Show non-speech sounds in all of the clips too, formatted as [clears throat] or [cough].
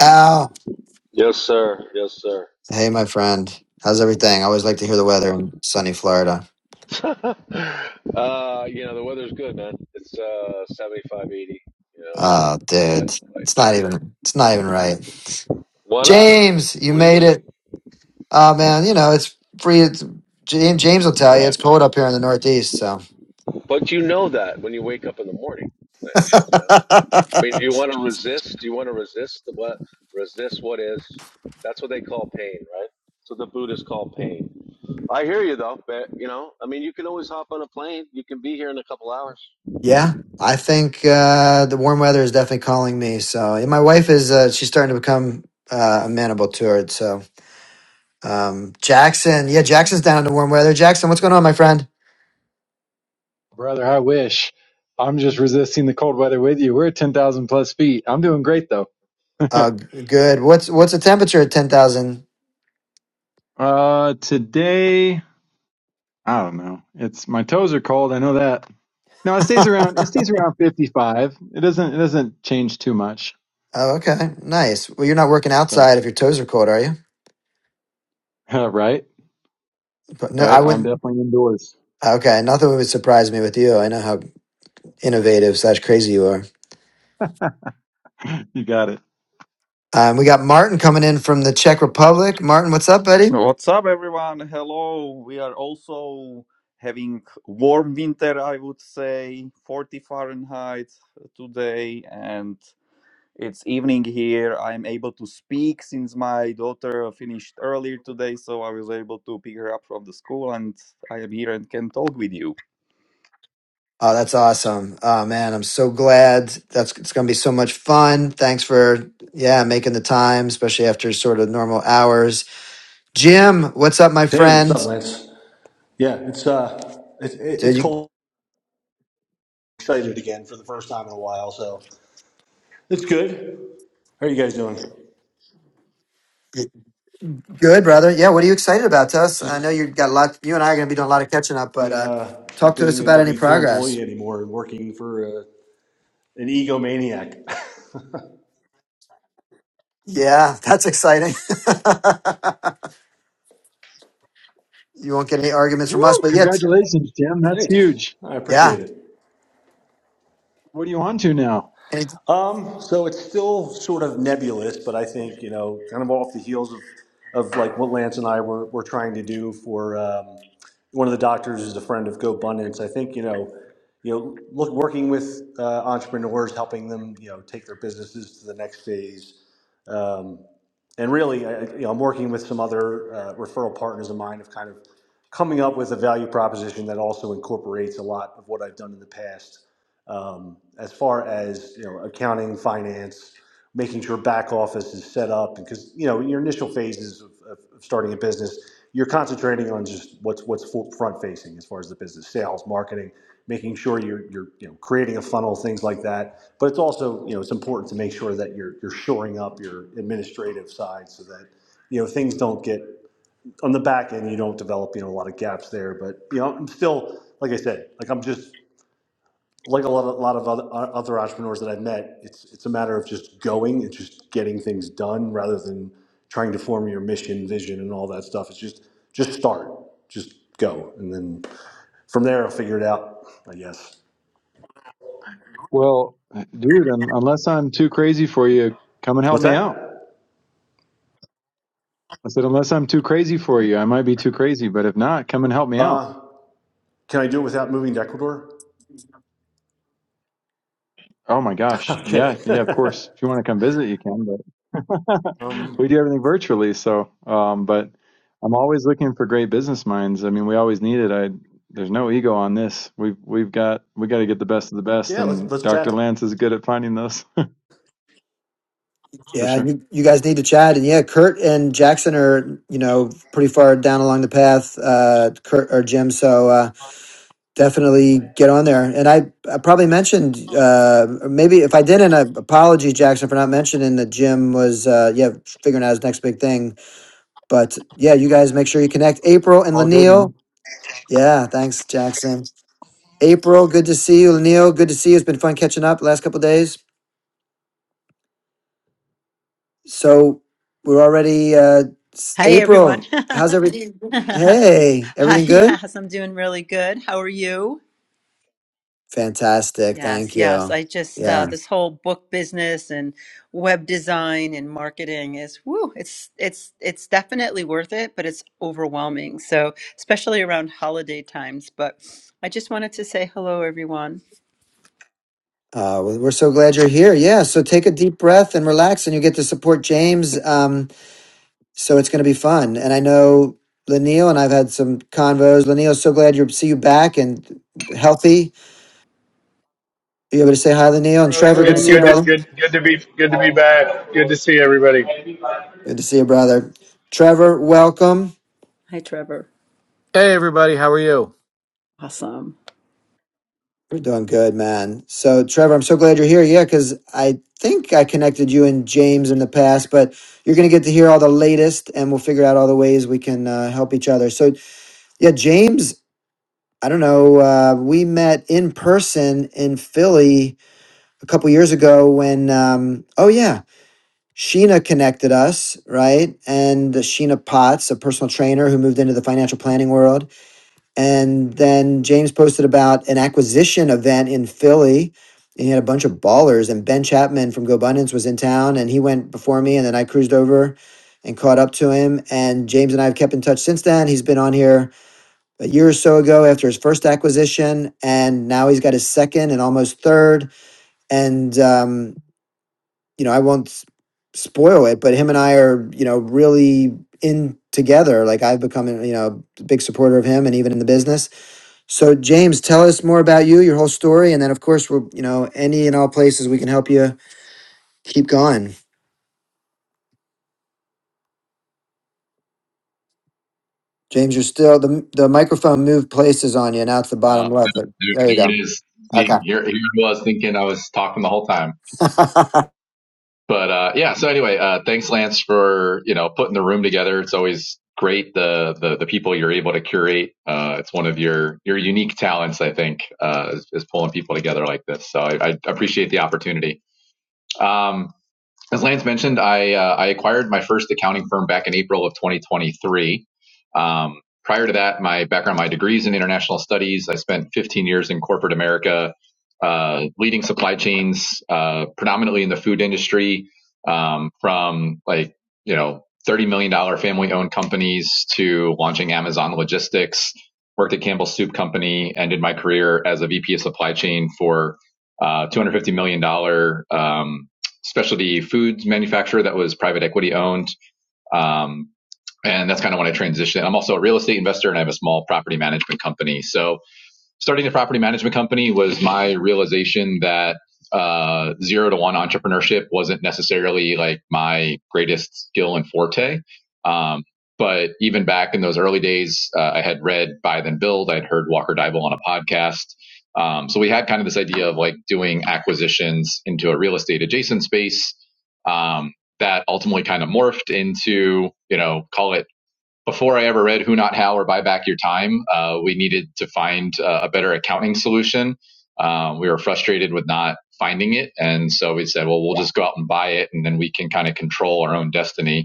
Al, Yes, sir. Yes, sir. hey, my friend. How's everything? I always like to hear the weather in sunny Florida. [laughs] uh, you know, the weather's good, man. It's uh 75, 80, you know, and Oh, the light, dude, light, it's not yeah. even it's not even right. Why not? James, you What do you made mean? it. Oh man, you know it's free. It's, James, James will tell you it's Right. cold up here in the Northeast. So But you know that when you wake up in the morning, Lance, you know. I mean, do [laughs] you want to resist? Do you want to resist the what? Resist what is? That's what they call pain, right? So the Buddhists call pain. I hear you though, but you know, I mean, you can always hop on a plane. You can be here in a couple hours. yeah, I think uh, the warm weather is definitely calling me. So and my wife is uh, she's starting to become uh, amenable to it. So um, Jackson, yeah, Jackson's down in the warm weather. Jackson, what's going on, my friend? Brother, I wish. I'm just resisting the cold weather with you. We're at 10,000 plus feet. I'm doing great though. [laughs] Oh, g- good. What's what's the temperature at ten thousand? Uh, today, I don't know. It's my toes are cold. I know that. No, it stays around. It stays around 55. It doesn't. It doesn't change too much. Oh, okay, nice. Well, you're not working So, outside if your toes are cold, are you? [laughs] right, But no, I right. I'm wouldn't. definitely indoors. Okay, nothing would surprise me with you. I know how innovative slash crazy you are. [laughs] you got it. Um, we got Martin coming in from the Czech Republic. Martin, what's up, buddy? What's up, everyone? Hello. We are also having warm winter, I would say, 40 Fahrenheit today, and it's evening here. I'm able to speak since my daughter finished earlier today, so I was able to pick her up from the school, and I am here and can talk with you. Oh, that's awesome. Oh man, I'm so glad. That's it's gonna be so much fun. Thanks for yeah making the time, especially after sort of normal hours. Jim, what's up, my Hey, what's up, friend? Lance? Yeah, it's uh, it's Did it's cold. Excited again for the first time in a while, so it's good. How are you guys doing? you? Good, brother. Yeah, what are you excited about, Tuss? I know Just you got a lot. You and I are going to be doing a lot of catching up, but uh, uh, not talk to us being a about any W two employee progress. anymore and working for uh, an egomaniac. Yeah, that's exciting. [laughs] you won't get any arguments from us, Woo! but yet, Congratulations, Tim. [laughs] That's Thanks, huge. I yeah, appreciate it. What are you on to now? any, Um, so it's still sort of nebulous, but I think, you know, kind of off the heels of, of like what Lance and I were, were trying to do for um, one of the doctors is a friend of GoBundance. I think, you know, you know, look, working with uh, entrepreneurs, helping them, you know, take their businesses to the next phase. Um, and really, I, I- you know, I'm working with some other uh, referral partners of mine of kind of coming up with a value proposition that also incorporates a lot of what I've done in the past um, as far as you know accounting, finance, making sure back office is set up, because you know in your initial phases of, of, of starting a business, you're concentrating on just what's what's front facing as far as the business, sales, marketing, making sure you're you're you know creating a funnel, things like that. But it's also you know it's important to make sure that you're you're shoring up your administrative side so that you know things don't get on the back end you don't develop you know a lot of gaps there but you know i'm still like i said like i'm just like a lot of, a lot of other, other entrepreneurs that I've met, it's it's a matter of just going and just getting things done rather than trying to form your mission, vision, and all that stuff. It's just just start, just go, and then from there I'll figure it out. I guess. Well, dude, un unless I'm too crazy for you, come and help What's me out. that? I said, unless I'm too crazy for you, I might be too crazy, but if not, come and help me out. Uh, can I do it without moving to Ecuador? Oh my [laughs] gosh. I'm kidding. Yeah, yeah, of [laughs] course. If you want to come visit, you can, but [laughs] we um, do everything virtually. So, um, but I'm always looking for great business minds. I mean, we always need it. I, there's no ego on this. We've, we've got, we got to get the best of the best. yeah, let's And let's Dr. chat Lance is good at finding those [laughs] for yeah, sure. you, you guys need to chat, and yeah, Kurt and Jackson are you know pretty far down along the path, uh, Kurt or Jim, so uh, definitely get on there. And I, I probably mentioned uh, maybe if I didn't, I apology, Jackson, for not mentioning that Jim was uh, yeah figuring out his next big thing But yeah, you guys make sure you connect. April and All good, Lanil. man. Yeah, thanks, Jackson. April, good to see you. Lanil, good to see you. It's been fun catching up the last couple days. So we're already uh s- Hi, everyone. April. [laughs] How's everything? Hi, Hey, everything good? yes, I'm doing really good. How are you? Fantastic. Thank Yes, yes. you. I just, uh, Yeah. this whole book business and web design and marketing is, woo, it's, it's, it's definitely worth it, but it's overwhelming. So, especially around holiday times. But I just wanted to say hello, everyone. Uh, we- we're so glad you're here. Yeah. So take a deep breath and relax, and you get to support James. Um, so it's going to be fun. And I know Lanil and I've had some convos. Lanil, so glad you see you back and healthy You able to say hi, Lanil and brother. Hey, Trevor? Good to Good, see you, good, to, Lanil. brother. good, good to be, good to be back. Good to see everybody. Good to see you, brother. Trevor, welcome. Hi, Trevor. Hey everybody, how are you? Awesome. We're doing good, man. So, Trevor, I'm so glad you're here. Yeah, because I think I connected you and James in the past, but you're going to get to hear all the latest, and we'll figure out all the ways we can uh, help each other. So, yeah, James, I don't know. Uh, we met in person in Philly a couple years ago when. Um, oh yeah, Sheena connected us, right? And Sheena Potts, a personal trainer who moved into the financial planning world And then James posted about an acquisition event in Philly. And he had a bunch of ballers, and Ben Chapman from GoBundance was in town, and he went before me, and then I cruised over and caught up to him. And James and I have kept in touch since then. He's been on here a year or so ago after his first acquisition, and now he's got his second and almost third. And um, you know, I won't s- spoil it, but him and I are you know really in together. Like I've become you know a big supporter of him, and even in the business so James, tell us more about you, your whole story, and then of course we're you know any and all places we can help you keep going. James, you're still the the microphone moved places on you. Now it's the Uh, bottom left, but there, there you there go. it is. See, Okay. Here, here I was thinking I was talking the whole time. [laughs] But uh, yeah, so anyway, uh, thanks, Lance, for you know putting the room together. It's always great the the, the people you're able to curate. Uh, it's one of your your unique talents, I think, uh, is, is pulling people together like this. So I, I appreciate the opportunity. Um, as Lance mentioned, I uh, I acquired my first accounting firm back in April of 2023. Um, prior to that, my background, my degrees in international studies. I spent 15 years in corporate America, uh, leading supply chains, uh, predominantly in the food industry, um, from like you know 30 million dollar family owned companies to launching Amazon Logistics. Worked at Campbell Soup Company. Ended my career as a VP of supply chain for uh, $250 million dollars. um, specialty foods manufacturer that was private equity owned. Um, and that's kind of when I transitioned. I'm also a real estate investor and I have a small property management company. So starting a property management company was my realization that uh, zero to one entrepreneurship wasn't necessarily like my greatest skill and forte. Um, but even back in those early days, uh, I had read Buy Then Build. I'd heard Walker Dybel on a podcast. Um, so we had kind of this idea of like doing acquisitions into a real estate adjacent space um, that ultimately kind of morphed into, you know, call it before I ever read Who Not How or Buy Back Your Time, uh, we needed to find uh, a better accounting solution. Um, we were frustrated with not finding it. And so we said, well, we'll yeah. just go out and buy it and then we can kind of control our own destiny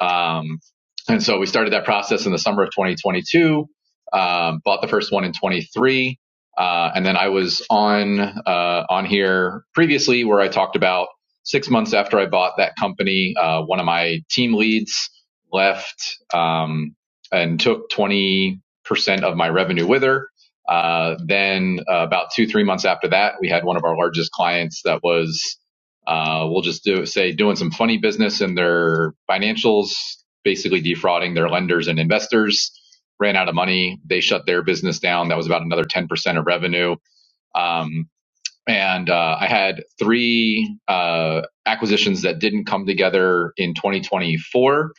um, and so we started that process in the summer of 2022, um, bought the first one in 23. Uh, and then I was on, uh, on here previously where I talked about six months after I bought that company, uh, one of my team leads left, um, and took 20% of my revenue with her. Uh, then uh, about two, three months after that, we had one of our largest clients that was uh, we'll just do say doing some funny business in their financials, basically defrauding their lenders and investors. Ran out of money. They shut their business down. That was about another 10% of revenue. Um, and uh, I had three uh, acquisitions that didn't come together in 2024.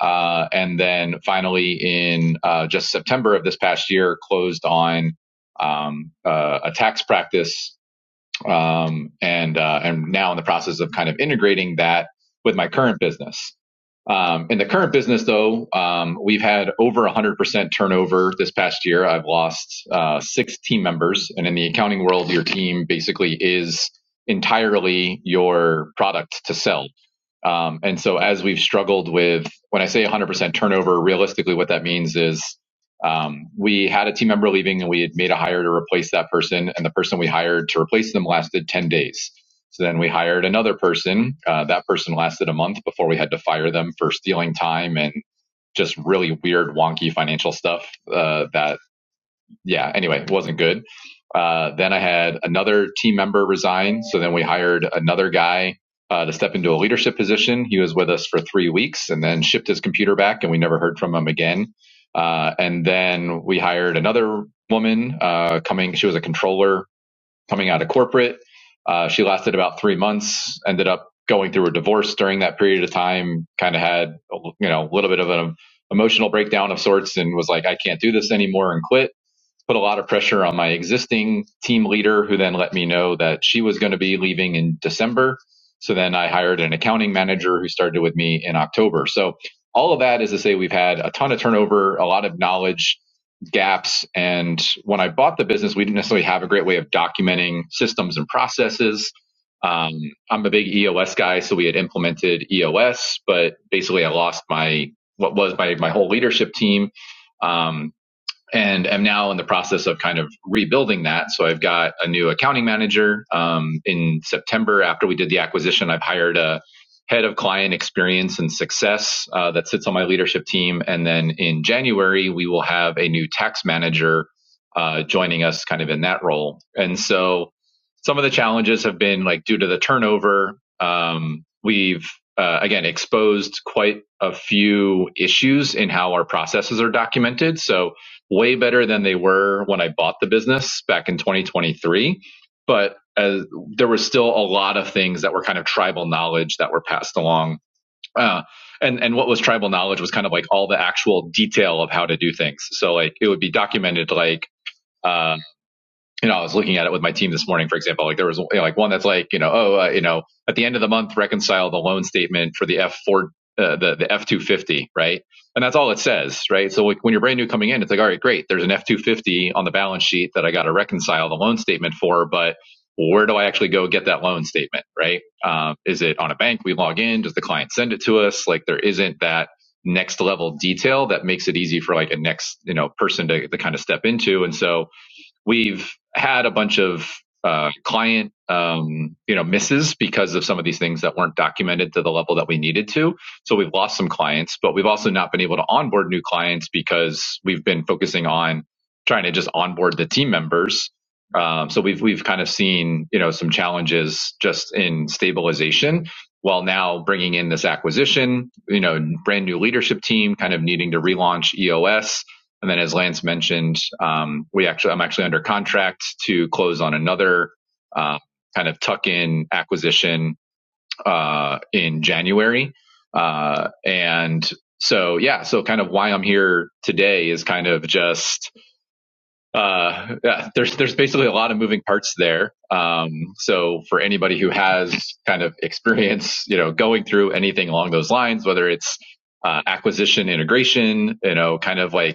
Uh, and then finally, in uh, just September of this past year, closed on um, uh, a tax practice um, and uh, and now in the process of kind of integrating that with my current business. Um, in the current business, though, um, we've had over 100% turnover this past year. I've lost uh, six team members, and in the accounting world, your team basically is entirely your product to sell. Um, and so, as we've struggled with, when I say 100% turnover, realistically, what that means is um, we had a team member leaving and we had made a hire to replace that person. And the person we hired to replace them lasted 10 days. So then we hired another person. Uh, that person lasted a month before we had to fire them for stealing time and just really weird, wonky financial stuff uh, that yeah, anyway, it wasn't good. Uh, then I had another team member resign. So then we hired another guy uh, to step into a leadership position. He was with us for three weeks and then shipped his computer back, and we never heard from him again. Uh, and then we hired another woman uh, coming, she was a controller coming out of corporate. Uh, she lasted about three months, ended up going through a divorce during that period of time, kind of had, you know, a little bit of an emotional breakdown of sorts and was like, I can't do this anymore and quit put a lot of pressure on my existing team leader, who then let me know that she was going to be leaving in December. So then I hired an accounting manager who started with me in October. So all of that is to say we've had a ton of turnover, a lot of knowledge gaps. And when I bought the business, we didn't necessarily have a great way of documenting systems and processes. Um, I'm a big EOS guy, so we had implemented EOS, but basically I lost my what was my my whole leadership team. Um, and am now in the process of kind of rebuilding that. So I've got a new accounting manager. Um, in September, after we did the acquisition, I've hired a head of client experience and success uh, that sits on my leadership team. And then in January, we will have a new tax manager uh, joining us kind of in that role. And so some of the challenges have been like due to the turnover, um, we've uh, again exposed quite a few issues in how our processes are documented. So way better than they were when I bought the business back in 2023. But as, there was still a lot of things that were kind of tribal knowledge that were passed along. Uh, and, and what was tribal knowledge was kind of like all the actual detail of how to do things. So like it would be documented like, uh, you know, I was looking at it with my team this morning, for example, like there was you know, like one that's like, you know, oh, uh, you know, at the end of the month, reconcile the loan statement for the F4, uh, the, the F250, right? And that's all it says, right? So like, when you're brand new coming in, it's like, all right, great. There's an F250 on the balance sheet that I got to reconcile the loan statement for, but where do I actually go get that loan statement, right? Um, is it on a bank? We log in. Does the client send it to us? Like there isn't that next level detail that makes it easy for like a next, you know, person to, to kind of step into. And so, We've had a bunch of uh, client um, you know misses because of some of these things that weren't documented to the level that we needed to. So we've lost some clients, but we've also not been able to onboard new clients because we've been focusing on trying to just onboard the team members. Um, so we've we've kind of seen you know some challenges just in stabilization. While now bringing in this acquisition, you know, brand new leadership team, kind of needing to relaunch EOS and then, as Lance mentioned, um, we actually I'm actually under contract to close on another uh, kind of tuck-in acquisition uh, in January. Uh, and so, yeah, so kind of why I'm here today is kind of just uh, yeah, there's there's basically a lot of moving parts there. Um, so for anybody who has kind of experience, you know, going through anything along those lines, whether it's uh, acquisition integration, you know, kind of like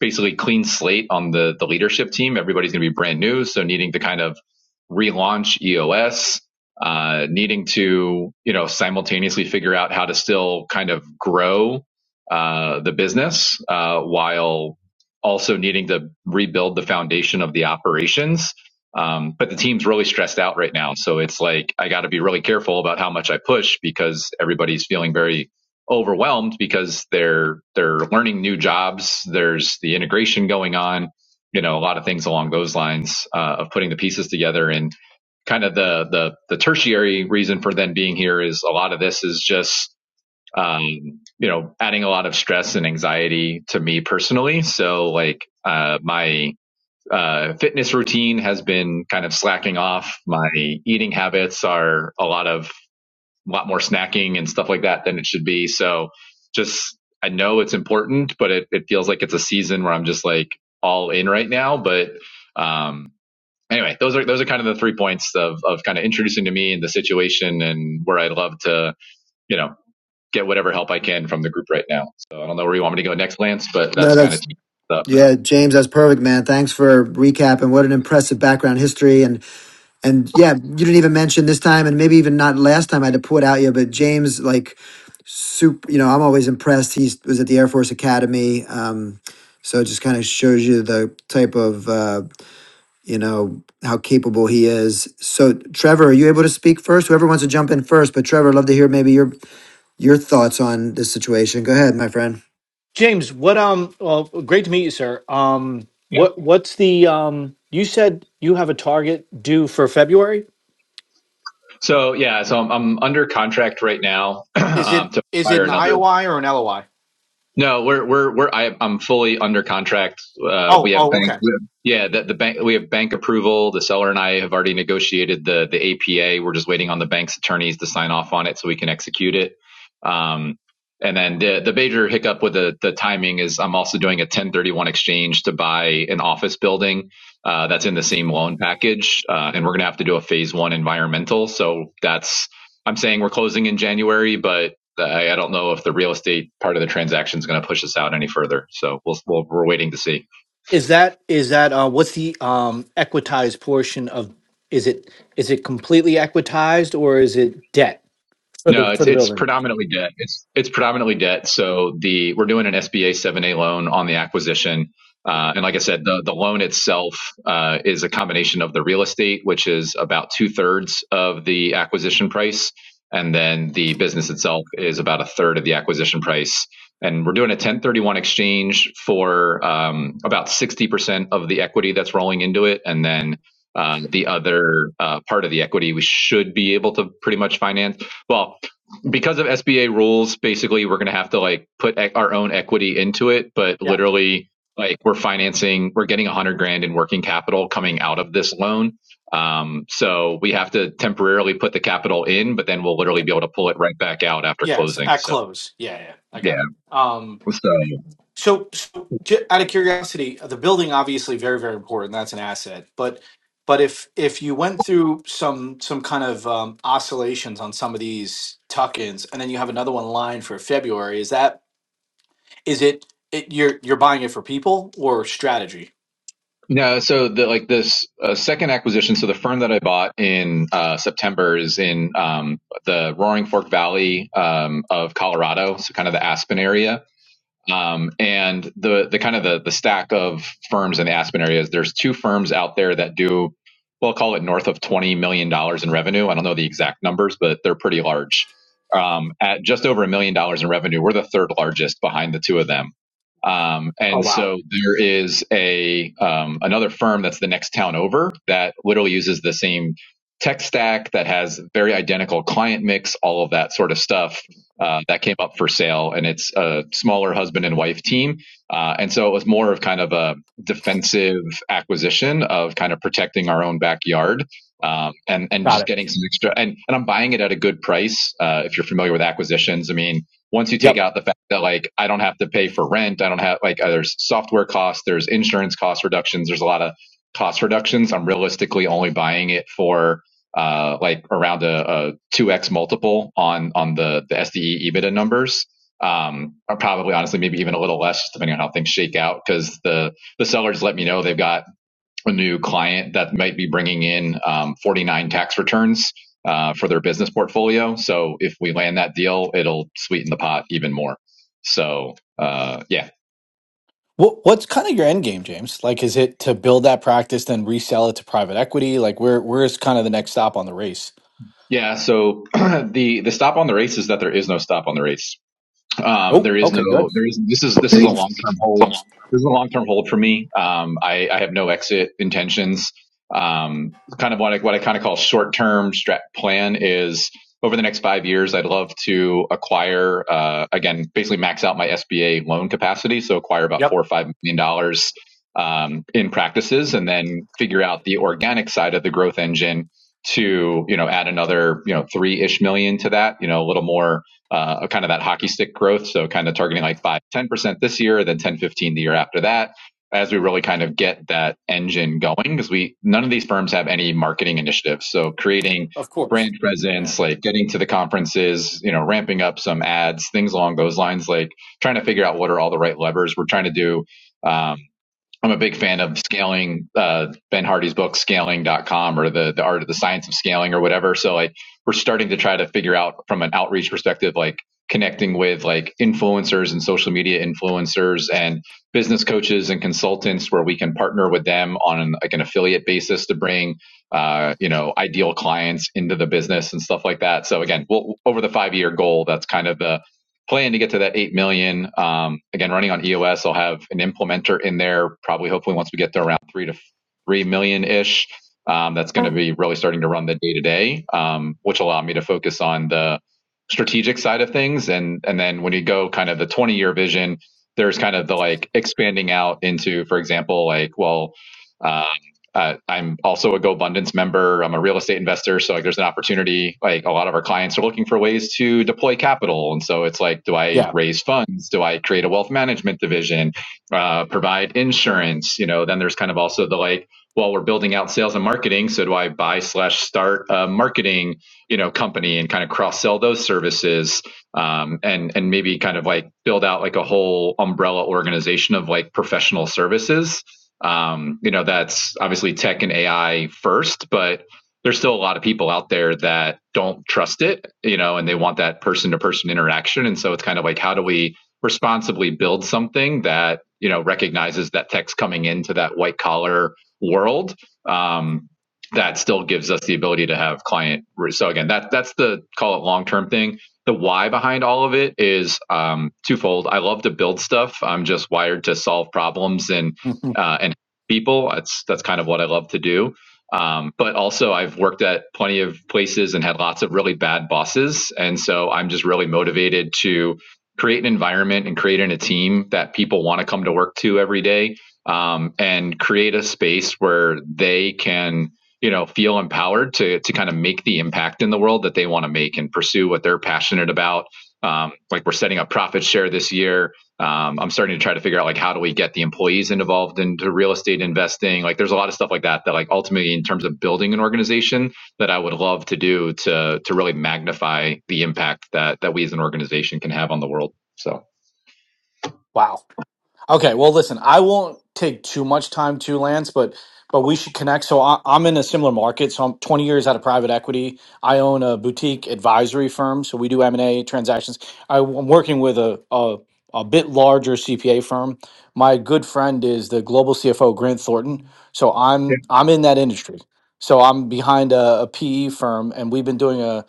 basically clean slate on the the leadership team. Everybody's going to be brand new, so needing to kind of relaunch EOS, uh, needing to you know simultaneously figure out how to still kind of grow uh, the business uh, while also needing to rebuild the foundation of the operations. Um, but the team's really stressed out right now, so it's like I got to be really careful about how much I push because everybody's feeling very overwhelmed because they're they're learning new jobs. There's the integration going on, you know, a lot of things along those lines uh, of putting the pieces together. And kind of the the the tertiary reason for them being here is a lot of this is just um, you know adding a lot of stress and anxiety to me personally. So like uh, my uh, fitness routine has been kind of slacking off. My eating habits are a lot of a lot more snacking and stuff like that than it should be. So just, I know it's important, but it, it feels like it's a season where I'm just like all in right now. But, um, anyway, those are, those are kind of the three points of, of kind of introducing to me and the situation and where I'd love to, you know, get whatever help I can from the group right now. So I don't know where you want me to go next, Lance, but that's no, kind of that's teed up. yeah, James, that's perfect, man. Thanks for recapping. What an impressive background history, and And yeah, you didn't even mention this time, and maybe even not last time I had to put out you, but James, like, super, you know, I'm always impressed. He was at the Air Force Academy. Um, so it just kind of shows you the type of, uh, you know, how capable he is. So, Trevor, are you able to speak first? Whoever wants to jump in first, but Trevor, I'd love to hear maybe your your thoughts on this situation. Go ahead, my friend. James, what um well great to meet you, sir. Um Yeah. what what's the um you said you have a target due for February? So yeah, so I'm, I'm under contract right now [clears throat] Is um, it to is it hire an another IOI or an LOI? No, we're we're we're I, I'm fully under contract. Uh, Oh, we have oh, bank, okay. yeah, the, the bank. We have bank approval. The seller and I have already negotiated the the APA. We're just waiting on the bank's attorneys to sign off on it so we can execute it. Um, and then the the major hiccup with the the timing is I'm also doing a 1031 exchange to buy an office building uh, that's in the same loan package, uh, and we're gonna have to do a phase one environmental. So that's I'm saying we're closing in January, but I, I don't know if the real estate part of the transaction is going to push us out any further. So we'll, we'll we're waiting to see. Is that is that uh what's the um equitized portion of is it is it completely equitized or is it debt for the No, for it's the it's building? predominantly debt. It's it's predominantly debt. So the we're doing an SBA 7A loan on the acquisition. Uh, Okay. and like I said, the, the loan itself uh, is a combination of the real estate, which is about two thirds of the acquisition price, and then the business itself is about a third of the acquisition price. And we're doing a 1031 exchange for um, about 60% of the equity that's rolling into it, and then uh, the other uh, part of the equity we should be able to pretty much finance well, because of SBA rules, basically we're going to have to like put e- our own equity into it, but Yeah. literally like we're financing, we're getting a hundred grand in working capital coming out of this loan. Um, so we have to temporarily put the capital in, but then we'll literally Yeah. be able to pull it right back out after Yes, closing. at So close. Yeah, yeah. I yeah, got it. so So, so ju- out of curiosity, uh, the building obviously very very important. That's an asset, but but if if you went through some some kind of um, oscillations on some of these tuck-ins, and then you have another one lined for February, is that is it, it you're you're buying it for people or strategy? no, so the like this uh, second acquisition. So the firm that I bought in uh, September is in um, the Roaring Fork Valley um, of Colorado, so kind of the Aspen area Um, and the the kind of the the stack of firms in the Aspen area is there's two firms out there that do we'll call it north of twenty million dollars in revenue. I don't know the exact numbers, but they're pretty large. Um, at just over a million dollars in revenue, we're the third largest behind the two of them. Um, Oh and wow, so there is a um, another firm that's the next town over that literally uses the same tech stack that has very identical client mix, all of that sort of stuff uh, that came up for sale, and it's a smaller husband and wife team. Uh, and so it was more of kind of a defensive acquisition of kind of protecting our own backyard um, and and got just it. getting some extra. And and I'm buying it at a good price. Uh, if you're familiar with acquisitions, I mean, once you take Yep. out the fact that like I don't have to pay for rent, I don't have like uh, there's software costs, there's insurance cost reductions, there's a lot of cost reductions. I'm realistically only buying it for uh, like around a, a 2x multiple on on the the SDE EBITDA numbers. Um, or probably honestly, maybe even a little less, depending on how things shake out. Because the the sellers let me know they've got a new client that might be bringing in um, 49 tax returns uh, for their business portfolio. So if we land that deal, it'll sweeten the pot even more. So uh, yeah, What what's kind of your end game, James? Like, is it to build that practice, then resell it to private equity? Like, where where is kind of the next stop on the race? yeah. So [clears throat] the the stop on the race is that there is no stop on the race Um, Oh, there is okay, no, good. there is, this is, this is a long-term hold. This is a long-term hold for me. Um, I, I have no exit intentions. Um, kind of what I, what I kind of call short-term strat plan is over the next five years, I'd love to acquire, uh, again, basically max out my SBA loan capacity. So acquire about Yep, four or five million dollars, um, in practices and then figure out the organic side of the growth engine to, you know, add another, you know, three-ish million to that, you know, a little more, uh, kind of that hockey stick growth. So kind of targeting like five, ten percent this year, then 10, 15 the year after that as we really kind of get that engine going because we none of these firms have any marketing initiatives so creating of course. brand Yeah. presence like getting to the conferences you know ramping up some ads things along those lines like trying to figure out what are all the right levers we're trying to do um, I'm a big fan of scaling, uh, Ben Hardy's book, scaling.com or the, the art of the science of scaling or whatever. So like we're starting to try to figure out from an outreach perspective, like connecting with like influencers and social media influencers and business coaches and consultants where we can partner with them on an, like an affiliate basis to bring, uh, you know, ideal clients into the business and stuff like that. So again, we'll, over the five year goal, that's kind of the, plan to get to that 8 million. Um, again, running on EOS, I'll have an implementer in there probably hopefully once we get to around 3 to 3 million ish. Um, that's going to be really starting to run the day to day, which allow me to focus on the strategic side of things. And, and then when you go kind of the 20 year vision, there's kind of the like expanding out into, for example, like, well, uh, uh, I'm also a GoBundance member. I'm a real estate investor, so like there's an opportunity. Like a lot of our clients are looking for ways to deploy capital, and so it's like, do I Yeah. raise funds? Do I create a wealth management division? Uh, provide insurance? You know, then there's kind of also the like, well, we're building out sales and marketing, so do I buy slash start a marketing you know company and kind of cross sell those services? um, and and maybe kind of like build out like a whole umbrella organization of like professional services. Um, you know, that's obviously tech and AI first, but there's still a lot of people out there that don't trust it, you know, and they want that person to person interaction. And so it's kind of like, how do we responsibly build something that, you know, recognizes that tech's coming into that white collar world? Um, that still gives us the ability to have client. So again, that that's the call it long term thing the why behind all of it is um, twofold. I love to build stuff. I'm just wired to solve problems and [laughs] uh, and people. That's that's kind of what I love to do. Um, but also, I've worked at plenty of places and had lots of really bad bosses, and so I'm just really motivated to create an environment and create in a team that people want to come to work to every day, um, and create a space where they can you know feel empowered to to kind of make the impact in the world that they want to make and pursue what they're passionate about um, like we're setting up profit share this year um, i'm starting to try to figure out like how do we get the employees involved into real estate investing like there's a lot of stuff like that that like ultimately in terms of building an organization that i would love to do to to really magnify the impact that that we as an organization can have on the world so Wow. Okay. Well, listen, I won't take too much time too, Lance, but but we should connect. So I, I'm in a similar market. So I'm 20 years out of private equity. I own a boutique advisory firm, so we do M and A transactions. I, am working with a, a a bit larger CPA firm. My good friend is the global CFO Grant Thornton. So I'm I'm in that industry. So I'm behind a, a PE firm, and we've been doing a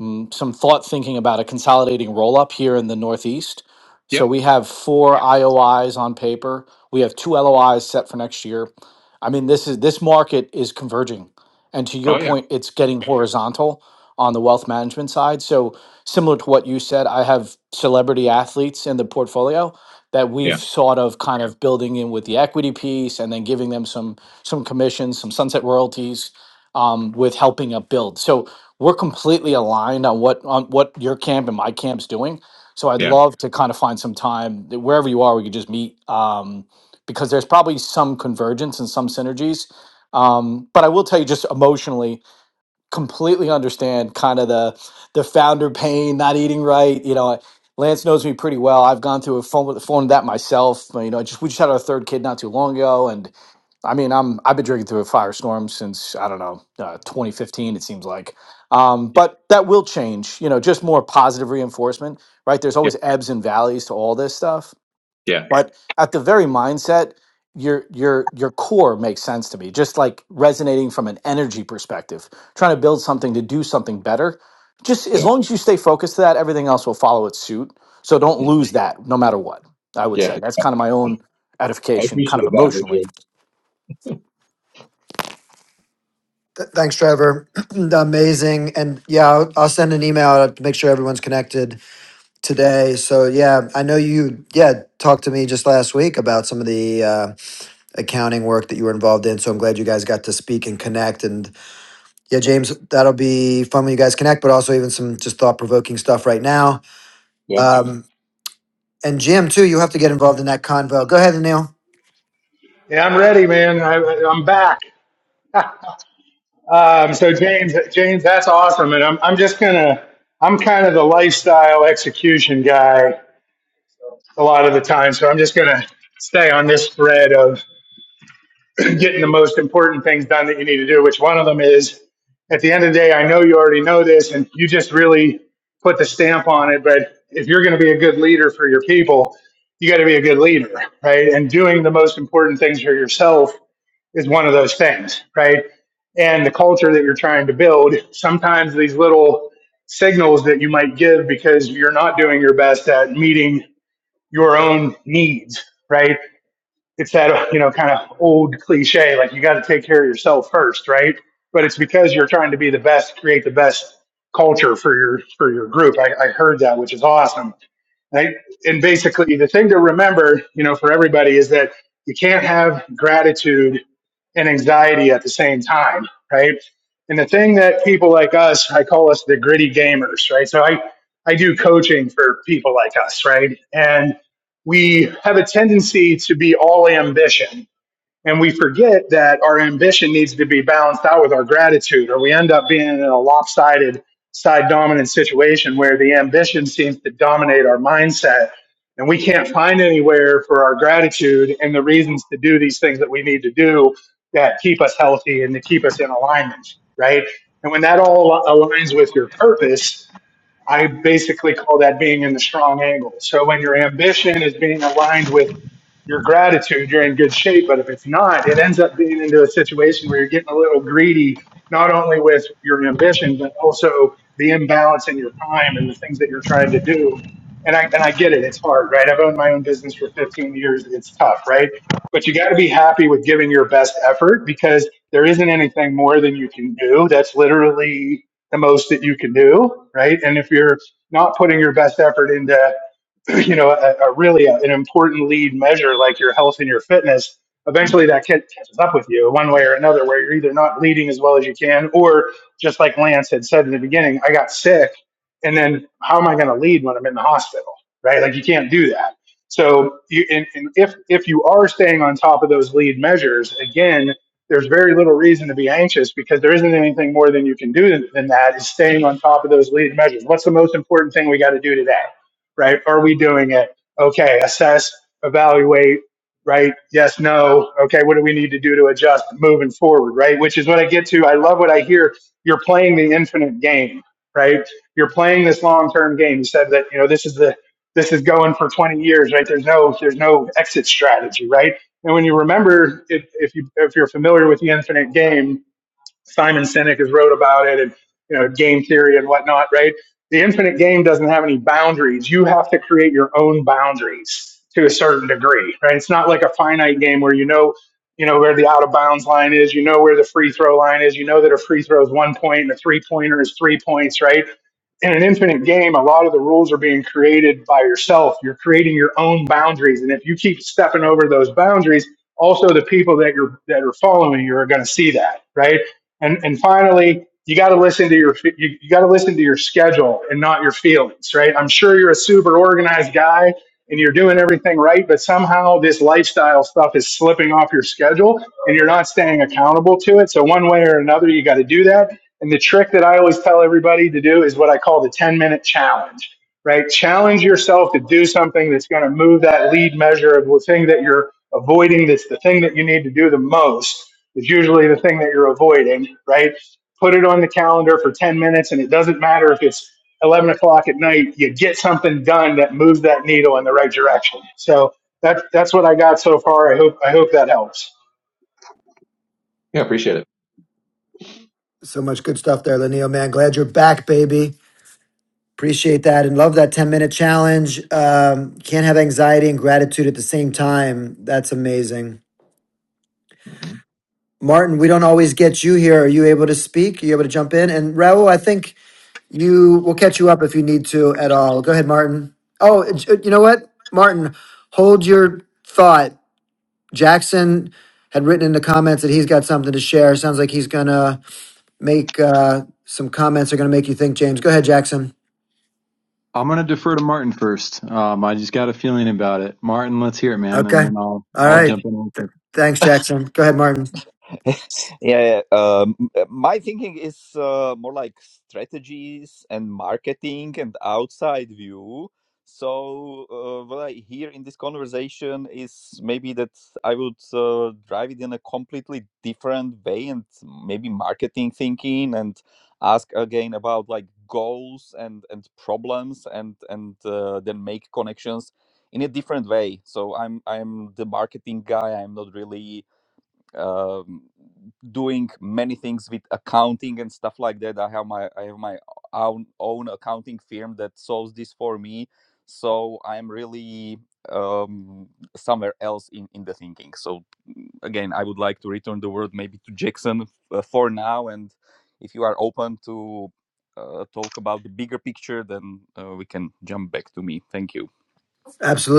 mm, some thought thinking about a consolidating roll up here in the Northeast. yep So we have four IOIs on paper. We have two LOIs set for next year. I mean, this is this market is converging, and to your oh yeah point, it's getting horizontal on the wealth management side. So similar to what you said, I have celebrity athletes in the portfolio that we've yeah sort of kind of building in with the equity piece, and then giving them some some commissions, some sunset royalties, um, with helping up build. So we're completely aligned on what on what your camp and my camp's doing. So I'd yeah love to kind of find some time that wherever you are, we could just meet um, because there's probably some convergence and some synergies. Um, but I will tell you, just emotionally, completely understand kind of the the founder pain, not eating right. You know, Lance knows me pretty well. I've gone through a phone phone that myself. You know, I just we just had our third kid not too long ago, and. I mean, I'm I've been drinking through a firestorm since I don't know uh, 2015. It seems like, um, but that will change. You know, just more positive reinforcement, right? There's yeah always ebbs and valleys to all this stuff, yeah but at the very mindset, your your your core makes sense to me. Just like resonating from an energy perspective, trying to build something to do something better. Just as long as you stay focused to that, everything else will follow its suit. So don't yeah lose that, no matter what. I would Yeah, say that's kind of my own I edification, kind of appreciate that, emotionally Vijay. Th- thanks, Trevor. [clears throat] Amazing. And yeah, I'll, I'll send an email out to make sure everyone's connected today. So yeah, I know you yeah talked to me just last week about some of the uh, accounting work that you were involved in. So I'm glad you guys got to speak and connect. And yeah, James, that'll be fun when you guys connect, but also even some just thought provoking stuff right now. Yeah, Um, and Jim too, you have to get involved in that convo. Go ahead, Anil. Yeah, I'm ready, man. I, I'm back. Um, so James, James, that's awesome. And I'm, I'm just gonna, I'm kind of the lifestyle execution guy a lot of the time. So I'm just gonna stay on this thread of getting the most important things done that you need to do, which one of them is at the end of the day, I know you already know this and you just really put the stamp on it. But if you're going to be a good leader for your people, you got to be a good leader, right? And doing the most important things for yourself is one of those things, right? And the culture that you're trying to build, sometimes these little signals that you might give because you're not doing your best at meeting your own needs, right? it's that you know kind of old cliche like you got to take care of yourself first right but it's because you're trying to be the best create the best culture for your for your group i, I heard that which is awesome right? and basically the thing to remember you know for everybody is that you can't have gratitude and anxiety at the same time, right? And the thing that people like us, I call us the gritty gamers, right? So I, I do coaching for people like us, right? And we have a tendency to be all ambition, and we forget that our ambition needs to be balanced out with our gratitude, or we end up being in a lopsided side dominant situation where the ambition seems to dominate our mindset. And we can't find anywhere for our gratitude and the reasons to do these things that we need to do that keep us healthy and to keep us in alignment, right? And when that all aligns with your purpose, I basically call that being in the strong angle. So when your ambition is being aligned with your gratitude, you're in good shape. But if it's not, it ends up being into a situation where you're getting a little greedy, not only with your ambition, but also the imbalance in your time and the things that you're trying to do. And I, and I get it. It's hard, right? I've owned my own business for 15 years. It's tough, right? But you got to be happy with giving your best effort because there isn't anything more than you can do. That's literally the most that you can do, right? And if you're not putting your best effort into [clears throat] you know, a, a really uh, an important lead measure like your health and your fitness, eventually that ca- catches up with you one way or another, where you're either not leading as well as you can, or just like Lance had said in the beginning, I got sick, and then how am I going to lead when I'm in the hospital, right? Like you can't do that. So, you, and, and if if you are staying on top of those lead measures, again, there's very little reason to be anxious because there isn't anything more than you can do than, than that. Is staying on top of those lead measures. What's the most important thing we got to do today? right? Are we doing it? Okay, assess, evaluate, right? Yes, no. Okay, what do we need to do to adjust moving forward, right? Which is what I get to. I love what I hear. You're playing the infinite game, right? You're playing this long-term game. You said that, you know, this is the this is going for 20 years, right? There's no there's no exit strategy, right? And when you remember, if, if you if you're familiar with the infinite game, Simon Sinek has wrote about it and you know game theory and whatnot, right? The infinite game doesn't have any boundaries. You have to create your own boundaries to a certain degree, right? It's not like a finite game where you know you know where the out of bounds line is, you know where the free throw line is, you know that a free throw is one point and a three pointer is three points, right? In an infinite game, a lot of the rules are being created by yourself. You're creating your own boundaries, and if you keep stepping over those boundaries, also the people that you're that are following you are going to see that, right? And and finally, you got to listen to your you, you got to listen to your schedule and not your feelings, right? I'm sure you're a super organized guy and you're doing everything right, but somehow this lifestyle stuff is slipping off your schedule and you're not staying accountable to it. So one way or another, you got to do that. And the trick that I always tell everybody to do is what I call the 10 minute challenge, right? Challenge yourself to do something that's going to move that lead measure of the thing that you're avoiding, that's the thing that you need to do the most is usually the thing that you're avoiding, right? Put it on the calendar for 10 minutes, and it doesn't matter if it's 11 o'clock at night, you get something done that moves that needle in the right direction. So that's, that's what I got so far. I hope, I hope that helps. yeah, appreciate it. So much good stuff there, Lanio, man. Glad you're back, baby. Appreciate that and love that 10 minute challenge. Um, can't have anxiety and gratitude at the same time. That's amazing. Martin, we don't always get you here. Are you able to speak? Are you able to jump in? And Raul, I think you will catch you up if you need to at all. Go ahead, Martin. Oh, uh, j- uh, you know what? Martin, hold your thought. Jackson had written in the comments that he's got something to share. Sounds like he's going to make uh, some comments that are going to make you think, James. Go ahead, Jackson. I'm going to defer to Martin first. Um, I just got a feeling about it. Martin, let's hear it, man. And Okay. then I'll, All I'll right. jump in. Th- thanks, Jackson. Go ahead, Martin. [laughs] Yeah, um, my thinking is uh, more like strategies and marketing and outside view. So, uh, what I hear in this conversation is maybe that I would uh, drive it in a completely different way and maybe marketing thinking and ask again about like goals and and problems and and uh, then make connections in a different way. So I'm I'm the marketing guy. I'm not really um, doing many things with accounting and stuff like that. I have my I have my own own accounting firm that solves this for me. So I'm really um, somewhere else in in the thinking. So mm, again, I would like to return the word maybe to Jackson uh, for now. And if you are open to uh, talk about the bigger picture, then uh, we can jump back to me. Thank you.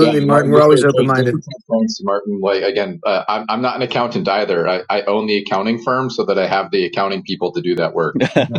Yeah, and Martin. Ryan, We're just for always open tra- just for minded. transparency, Martin. Like again, uh, I'm I'm not an accountant either. I, I own the accounting firm, so that I have the accounting people to do that work. [laughs] [laughs]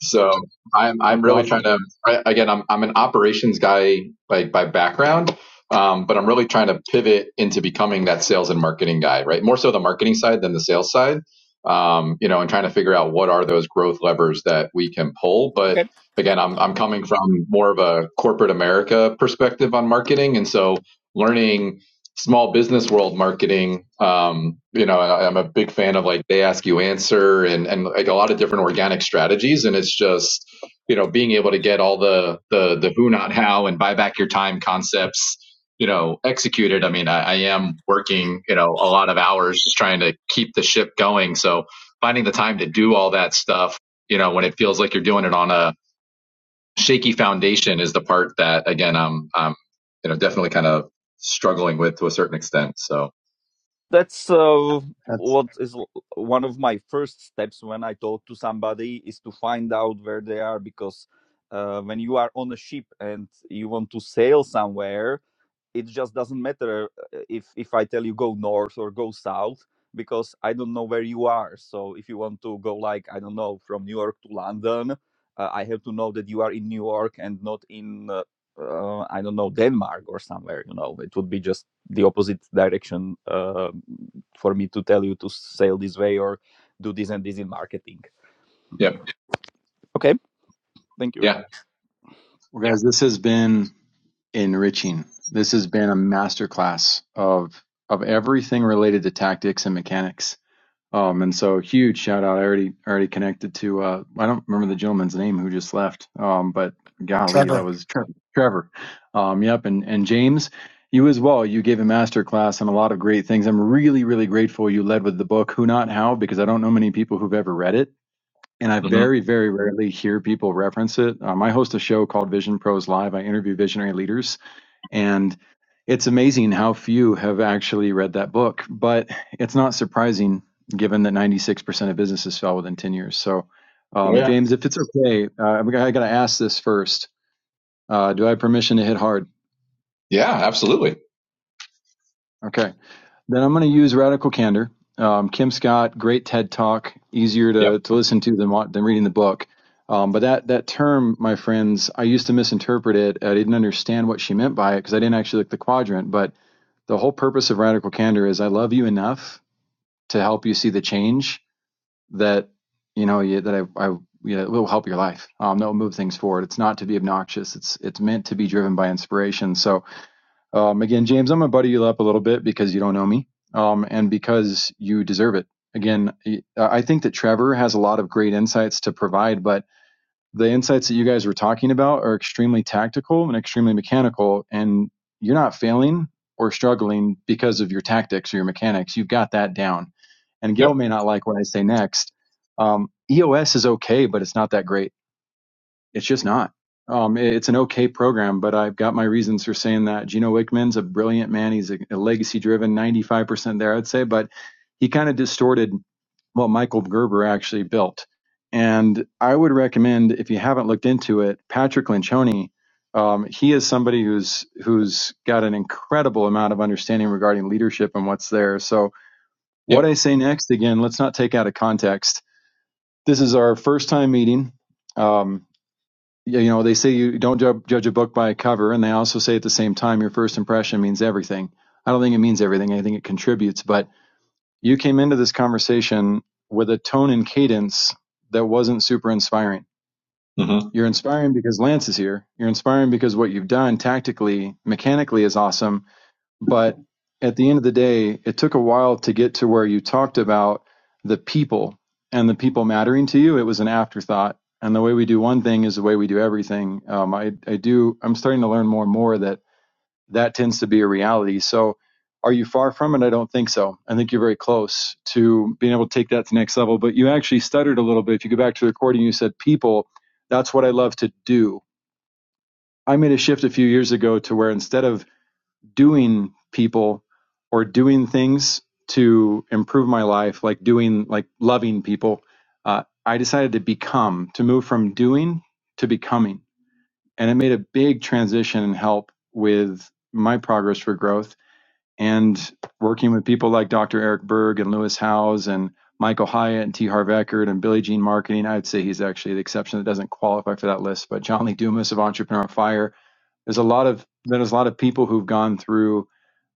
So I'm I'm That's really trying awesome. to I, again I'm I'm an operations guy by by background, um, but I'm really trying to pivot into becoming that sales and marketing guy, right? More so the marketing side than the sales side, um, you know, and trying to figure out what are those growth levers that we can pull. Okay. But again, I'm I'm coming from more of a corporate America perspective on marketing, and so learning small business world marketing um, you know I, i'm a big fan of like they ask you answer and and like a lot of different organic strategies and it's just you know being able to get all the the the who not how and buy back your time concepts you know executed i mean i, I am working you know a lot of hours just trying to keep the ship going so finding the time to do all that stuff you know when it feels like you're doing it on a shaky foundation is the part that again I'm I'm you know definitely kind of struggling with to a certain extent. So that's uh, That's. what is l- one of my first steps when I talk to somebody is to find out where they are because uh, when you are on a ship and you want to sail somewhere, it just doesn't matter uh, uh, if if i tell you go north or go south because i don't know where you are so if you want to go like i don't know from new york to london uh, i have to know that you are in new york and not in uh, uh, i don't know denmark or somewhere you know it would be just the opposite direction uh, for me to tell you to sail this way or do this and this in marketing yep, okay thank you yeah, Well, guys, this has been enriching. This has been a masterclass of of everything related to tactics and mechanics. Um, and so huge shout out. I already already connected to uh, I don't remember the gentleman's name who just left. Um, but golly, that Trevor. was Trevor. Trevor. Um, yep, and and James, you as well. You gave a masterclass on a lot of great things. I'm really really grateful you led with the book Who Not How because I don't know many people who've ever read it and I hmm very, very rarely hear people reference it. Um, I host a show called Vision Pros Live. I interview visionary leaders, and it's amazing how few have actually read that book. But it's not surprising, given that 96% of businesses fell within 10 years. So, oh, um, yeah, James, if it's okay, uh, i got to ask this first. Uh, do I have permission to hit hard? yeah, absolutely, Okay. Then I'm going to use Radical Candor. Um, Kim Scott, great TED Talk, easier yep, to, to listen to than, than reading the book. Um, but that, that term, my friends, I used to misinterpret it. I didn't understand what she meant by it because I didn't actually look the quadrant. But the whole purpose of Radical Candor is I love you enough to help you see the change that, you know, you, that I, I you know, it will help your life. Um, that will move things forward. It's not to be obnoxious. It's, it's meant to be driven by inspiration. So um, again, James, I'm going to butter you up a little bit because you don't know me um, and because you deserve it. Again, I I think that Trevor has a lot of great insights to provide, but the insights that you guys were talking about are extremely tactical and extremely mechanical. And you're not failing or struggling because of your tactics or your mechanics. You've got that down. And Gail yep, may not like what I say next. Um, EOS is okay, but it's not that great it's just not. Um, it's an okay program, but I've got my reasons for saying that. Gino Wickman's a brilliant man. He's a, a legacy-driven, 95% there, I'd say, but he kind of distorted what Michael Gerber actually built. And I would recommend, if you haven't looked into it, Patrick Lencioni. Um, he is somebody who's who's got an incredible amount of understanding regarding leadership and what's there. So what yep. I say next, again, let's not take out of context. This is our first time meeting. Um, yeah, you know, they say you don't ju- judge a book by a cover, and they also say at the same time your first impression means everything. I don't think it means everything. I think it contributes. But you came into this conversation with a tone and cadence that wasn't super inspiring. Because You're inspiring because Lance is here. You're inspiring because what you've done tactically, mechanically is awesome but at the end of the day, it took a while to get to where you talked about the people and the people mattering to you. It was an afterthought. And the way we do one thing is the way we do everything. Um, I, I do, I'm starting to learn more and more that that tends to be a reality. So are you far from it? I don't think so. I think you're very close to being able to take that to the next level. But you actually stuttered a little bit. If you go back to the recording, you said people, that's what I love to do. I made a shift a few years ago to where instead of doing people or doing things to improve my life, like doing, like loving people, uh, I decided to become, to move from doing to becoming. And it made a big transition and help with my progress for growth and working with people like Dr. Eric Berg and Lewis Howes and Michael Hyatt and T. Harv Eckert and Billie Jean Marketing. I'd say he's actually the exception that doesn't qualify for that list, but John Lee Dumas of Entrepreneur Fire there's a lot of there's a lot of people who've gone through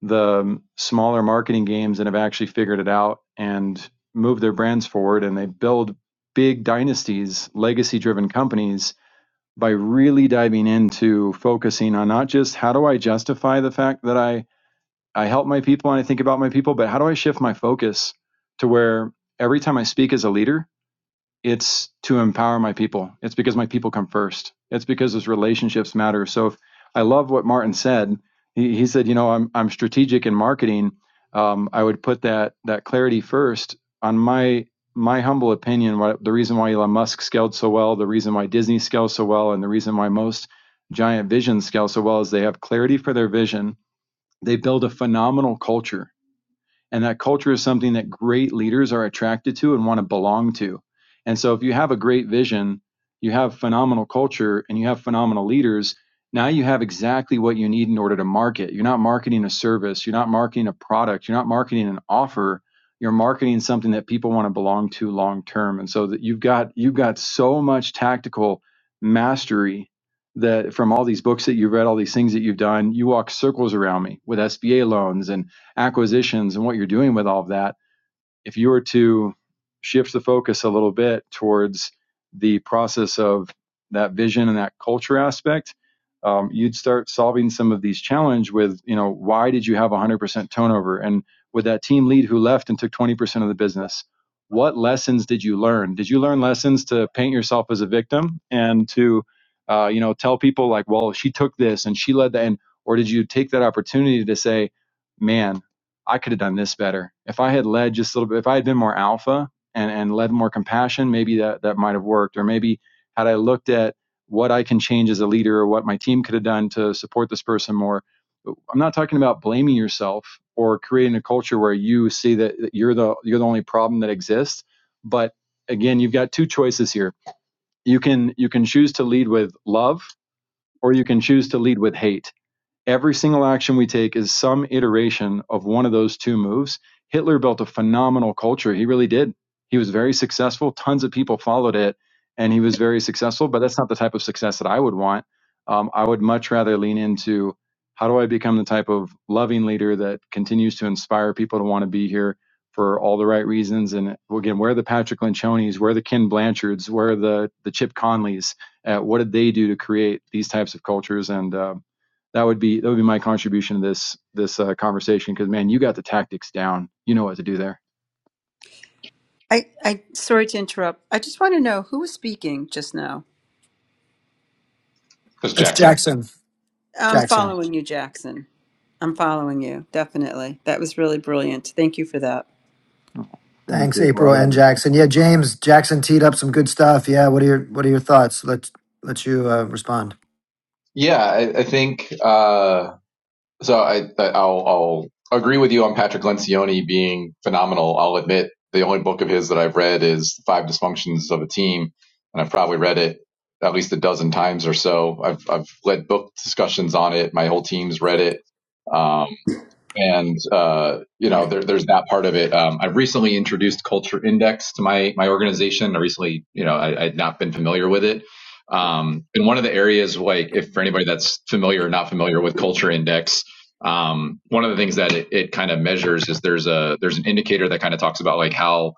the um, smaller marketing games and have actually figured it out and moved their brands forward and they build big dynasties, legacy driven companies by really diving into focusing on not just how do I justify the fact that I I help my people and I think about my people, but how do I shift my focus to where every time I speak as a leader, it's to empower my people. It's because my people come first. It's because those relationships matter. So if, I love what Martin said. He, he said, you know, I'm I'm strategic in marketing. Um, I would put that that clarity first. On my my humble opinion, what, the reason why Elon Musk scaled so well, the reason why Disney scales so well, and the reason why most giant visions scale so well is they have clarity for their vision. They build a phenomenal culture and that culture is something that great leaders are attracted to and want to belong to. And so if you have a great vision, you have phenomenal culture and you have phenomenal leaders, now you have exactly what you need in order to market. You're not marketing a service, you're not marketing a product, you're not marketing an offer, you're marketing something that people want to belong to long term. And so that you've got you've got so much tactical mastery that from all these books that you've read, all these things that you've done, you walk circles around me with SBA loans and acquisitions and what you're doing with all of that, if you were to shift the focus a little bit towards the process of that vision and that culture aspect, um, you'd start solving some of these challenge with, you know, why did you have 100% turnover? And with that team lead who left and took 20% of the business, what lessons did you learn? Did you learn lessons to paint yourself as a victim and to, uh, you know, tell people like, well, she took this and she led that, and or did you take that opportunity to say, man? I could have done this better. If I had led just a little bit, if I had been more alpha and, and led more compassion, maybe that, that might have worked. Or maybe had I looked at what I can change as a leader or what my team could have done to support this person more. I'm not talking about blaming yourself or creating a culture where you see that, that you're the you're the only problem that exists. But again, you've got two choices here. You can you can choose to lead with love or you can choose to lead with hate Every single action we take is some iteration of one of those two moves. Hitler built a phenomenal culture. He really did. He was very successful. Tons of people followed it, and he was very successful. But that's not the type of success that I would want. Um, I would much rather lean into how do I become the type of loving leader that continues to inspire people to want to be here for all the right reasons. And again, where are the Patrick Lynchonis? Where are the Ken Blanchards? Where are the the Chip Conleys? Uh, what did they do to create these types of cultures? And um, that would be that would be my contribution to this this uh, conversation because man you got the tactics down you know what to do there I, I, sorry to interrupt. I just want to know who was speaking just now. That's Jackson, Jackson. I'm Jackson. following you, Jackson. I'm following you, definitely. That was really brilliant. Thank you for that. thank Thanks, you Well, April I love and you. Jackson. Yeah, James, Jackson teed up some good stuff. Yeah, what are your what are your thoughts? Let let you uh, respond. yeah, I, I think. uh So I, I'll, I'll agree with you on Patrick Lencioni being phenomenal. I'll admit the only book of his that I've read is Five Dysfunctions of a Team, and I've probably read it at least a dozen times or so. I've, I've led book discussions on it. My whole team's read it. Um, and uh, you know there, there's that part of it. Um, I've recently introduced Culture Index to my my organization. I recently, you know, I, I'd not been familiar with it. Um, and one of the areas, like if for anybody that's familiar or not familiar with Culture Index, um, one of the things that it, it kind of measures is there's a there's an indicator that kind of talks about like how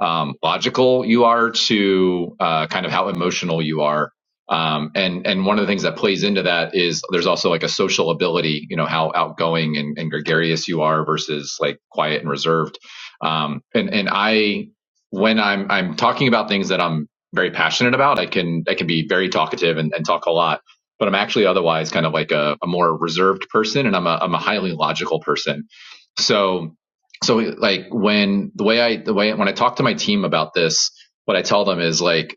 um, logical you are to uh, kind of how emotional you are um, and and one of the things that plays into that is there's also like a social ability, you know, how outgoing and, and gregarious you are versus like quiet and reserved. Um, and and I when I'm I'm talking about things that I'm very passionate about, I can I can be very talkative and, and talk a lot. But I'm actually otherwise kind of like a, a more reserved person, and I'm a I'm a highly logical person. So so like when the way I the way when I talk to my team about this, what I tell them is like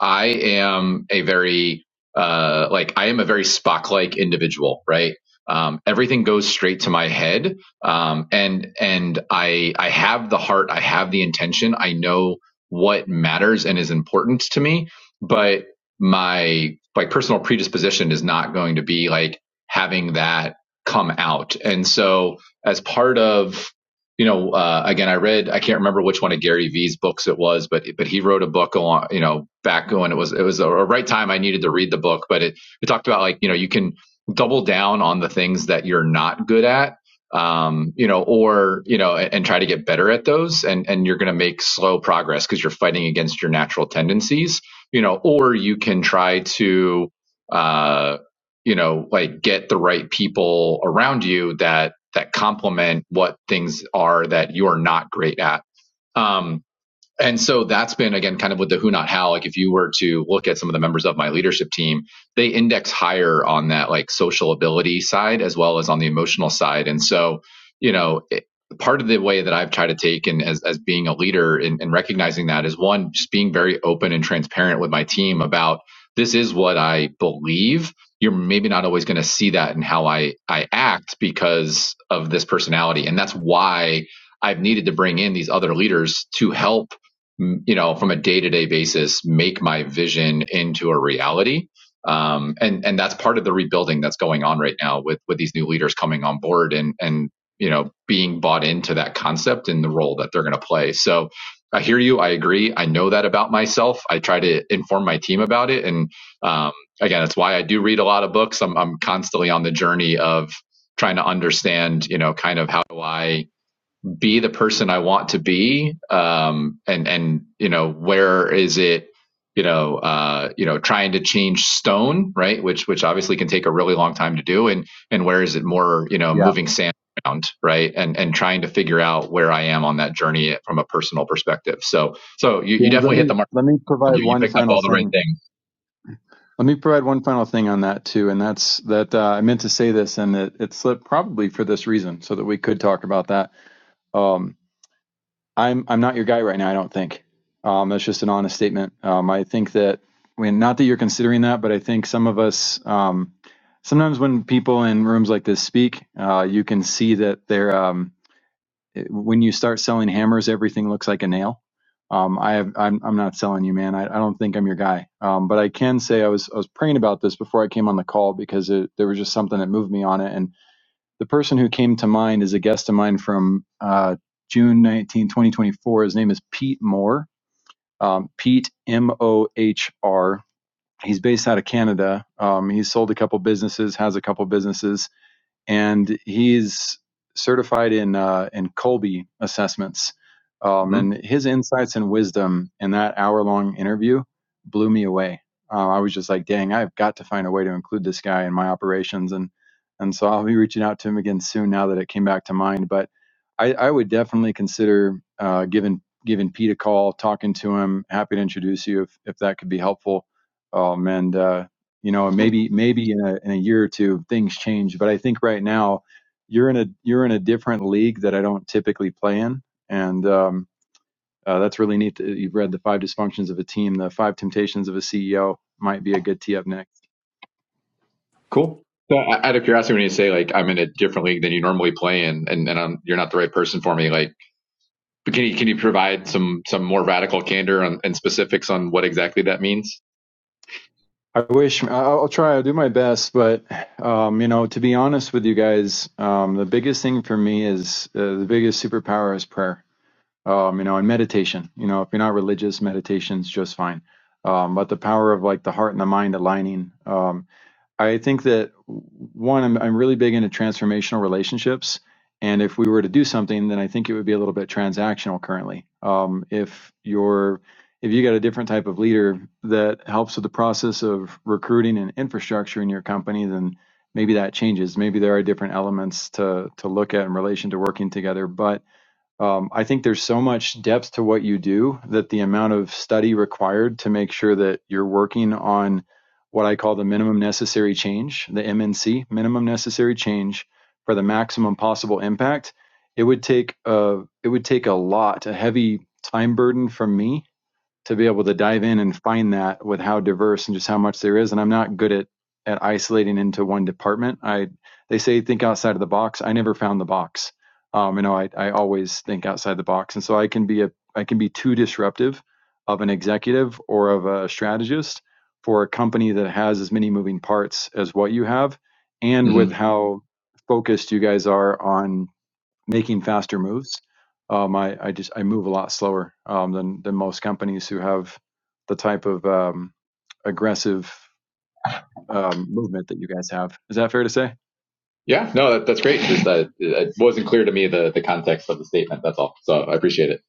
I am a very uh like I am a very Spock like individual, right? Um, everything goes straight to my head, um, and and I I have the heart, I have the intention, I know what matters and is important to me, but my like personal predisposition is not going to be like having that come out, and so as part of you know, uh, again, I read, I can't remember which one of Gary Vee's books it was, but, but he wrote a book along, you know, back when it was, it was a, right time I needed to read the book, but it, it talked about like, you know, you can double down on the things that you're not good at, um, you know, or, you know, and, and try to get better at those and, and you're going to make slow progress because you're fighting against your natural tendencies, you know, or you can try to, uh, you know like get the right people around you that that complement what things are that you are not great at um and so that's been again kind of with the who not how like if you were to look at some of the members of my leadership team they index higher on that like social ability side as well as on the emotional side and so you know it, part of the way that i've tried to take and as, as being a leader and, and recognizing that is one just being very open and transparent with my team about this is what i believe you're maybe not always going to see that in how i i act because of this personality and that's why I've needed to bring in these other leaders to help you know from a day-to-day basis make my vision into a reality um, and and that's part of the rebuilding that's going on right now with with these new leaders coming on board and and you know being bought into that concept and the role that they're going to play so i hear you i agree i know that about myself i try to inform my team about it and um, again that's why i do read a lot of books i'm, I'm constantly on the journey of trying to understand you know kind of how do i be the person I want to be? Um, and and you know, where is it? You know, uh, you know, trying to change stone, right? Which which obviously can take a really long time to do. And and where is it more? You know, yeah moving sand around, right? And and trying to figure out where I am on that journey from a personal perspective. So so you, you james let definitely hit me the mark. let me provide You, you one picked up final all the right thing things. let me provide one final thing on that too and that's that uh, i meant to say this and it, it slipped probably for this reason so that we could talk about that Um, I'm I'm not your guy right now. I don't think. Um, that's just an honest statement. Um, I think that I mean, not that you're considering that, but I think some of us um, sometimes when people in rooms like this speak, uh, you can see that they're um, it- when you start selling hammers, everything looks like a nail. Um, I have, I'm, I'm not selling you, man. I, I don't think I'm your guy. Um, but I can say I was I was praying about this before I came on the call because it, there was just something that moved me on it, and the person who came to mind is a guest of mine from uh, June 19, 2024. His name is Pete Moore. Um, Pete M O H R. He's based out of Canada. Um, he's sold a couple businesses, has a couple businesses and he's certified in uh, in Colby assessments. Um, Mhm. and his insights and wisdom in that hour long interview blew me away. Uh, I was just like, dang, I've got to find a way to include this guy in my operations, and and so I'll be reaching out to him again soon. Now that it came back to mind, but I, I would definitely consider uh, giving giving Pete a call, talking to him. Happy to introduce you if if that could be helpful. Um, and uh, you know maybe maybe in a, in a year or two things change but i think right now you're in a you're in a different league that i don't typically play in and um, uh, that's really neat that you've read the five dysfunctions of a team the five temptations of a ceo might be a good tee up next Cool. So out of curiosity, when you say like I'm in a different league than you normally play in, and and I'm, you're not the right person for me, like But can you can you provide some some more radical candor on, and specifics on what exactly that means? i wish I- i'll try i'll do my best but um, you know to be honest with you guys um, the biggest thing for me is uh, the biggest superpower is prayer um, you know, and meditation. You know, if you're not religious, meditation's just fine. Um, but the power of like the heart and the mind aligning. Um, I think that one, I'm, I'm really big into transformational relationships. And if we were to do something, then I think it would be a little bit transactional currently. Um, if you're, if you got a different type of leader that helps with the process of recruiting and infrastructure in your company, then maybe that changes. Maybe there are different elements to to look at in relation to working together. But um, I think there's so much depth to what you do that the amount of study required to make sure that you're working on what I call the minimum necessary change, the MNC, minimum necessary change for the maximum possible impact, it would take a, it would take a lot, a heavy time burden from me to be able to dive in and find that with how diverse and just how much there is. And I'm not good at at isolating into one department. I they say think outside of the box. I never found the box. Um, you know, I I always think outside the box, and so I can be a I can be too disruptive of an executive or of a strategist for a company that has as many moving parts as what you have, and hmm with how focused you guys are on making faster moves. Um, I, I just I move a lot slower um, than than most companies who have the type of um, aggressive um, movement that you guys have. Is that fair to say? Yeah, no, that, that's great. Just that it wasn't clear to me the the context of the statement. That's all. So I appreciate it.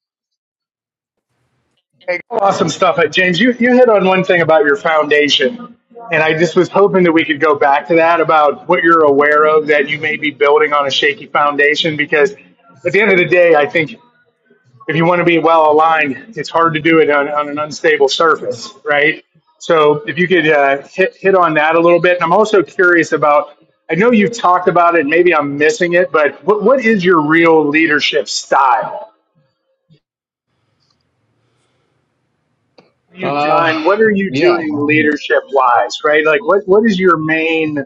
Hey, awesome stuff. Uh, James, you, you hit on one thing about your foundation. And I just was hoping that we could go back to that about what you're aware of that you may be building on a shaky foundation because at the end of the day, I think if you want to be well aligned, it's hard to do it on, on an unstable surface, right? So if you could uh, hit hit on that a little bit, and I'm also curious about. I know you've talked about it. Maybe I'm missing it, but what, what is your real leadership style? What have you Uh, done? What are you yeah, doing leadership wise, right? Like, what, what is your main?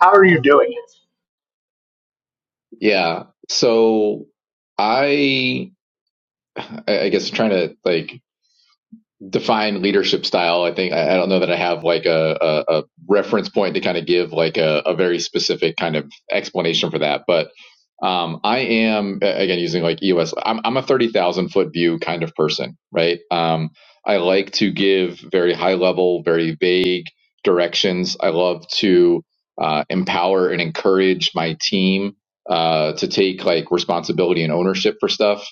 How are you doing it? yeah. So I I I guess trying to like define leadership style. I think I, I don't know that I have like a, a, a reference point to kind of give like a, a very specific kind of explanation for that, but Um, I am again using like EOS. I'm, I'm a thirty thousand foot view kind of person, right? Um, I like to give very high level, very vague directions. I love to uh, empower and encourage my team uh, to take like responsibility and ownership for stuff.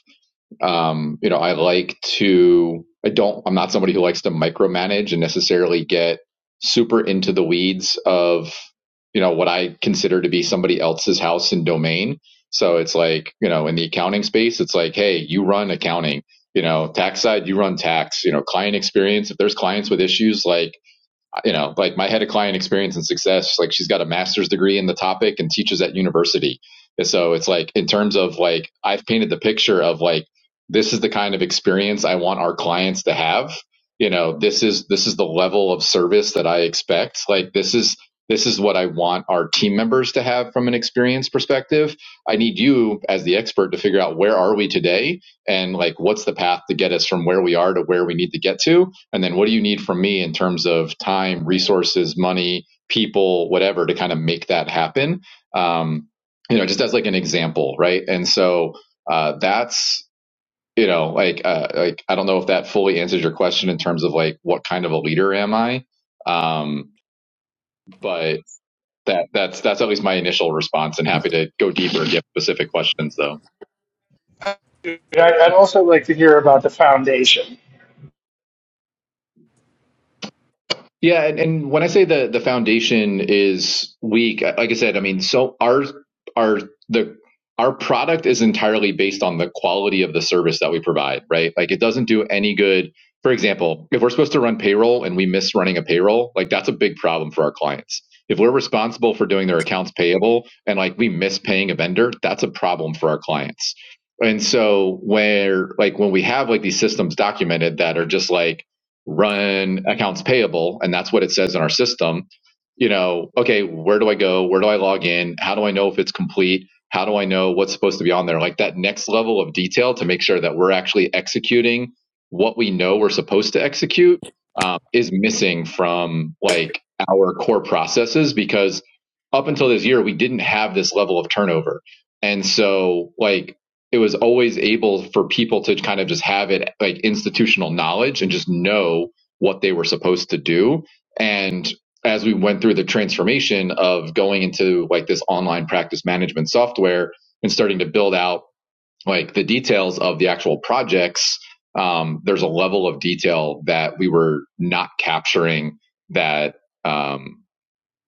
Um, you know, I like to, I don't, I'm not somebody who likes to micromanage and necessarily get super into the weeds of, you know, what I consider to be somebody else's house and domain. So it's like, you know, in the accounting space, it's like, hey, you run accounting, you know, tax side, you run tax, you know, client experience. If there's clients with issues, like, you know, like my head of client experience and success, like she's got a master's degree in the topic and teaches at university. And so it's like, in terms of like, I've painted the picture of like, this is the kind of experience I want our clients to have. You know, this is, this is the level of service that I expect. Like, this is, this is what I want our team members to have from an experience perspective. I need you as the expert to figure out where are we today and like what's the path to get us from where we are to where we need to get to and then what do you need from me in terms of time, resources, money, people, whatever to kind of make that happen? Um, you know, just as like an example, right? And so uh, that's you know like uh, like I don't know if that fully answers your question in terms of like what kind of a leader am I, um, but that that's that's at least my initial response. And happy to go deeper and get specific questions though. I, I'd also like to hear about the foundation. Yeah, and, and when I say the the foundation is weak, like I said, I mean so our our the our product is entirely based on the quality of the service that we provide, right? Like it doesn't do any good. For example, if we're supposed to run payroll and we miss running a payroll, like that's a big problem for our clients. If we're responsible for doing their accounts payable and like we miss paying a vendor, that's a problem for our clients. And so where like when we have like these systems documented that are just like run accounts payable, and that's what it says in our system, you know, okay, where do I go? Where do I log in? How do I know if it's complete? How do I know what's supposed to be on there? Like that next level of detail to make sure that we're actually executing what we know we're supposed to execute um, is missing from like our core processes because up until this year we didn't have this level of turnover, and so like it was always able for people to kind of just have it like institutional knowledge and just know what they were supposed to do and as we went through the transformation of going into like this online practice management software and starting to build out like the details of the actual projects um, there's a level of detail that we were not capturing that um,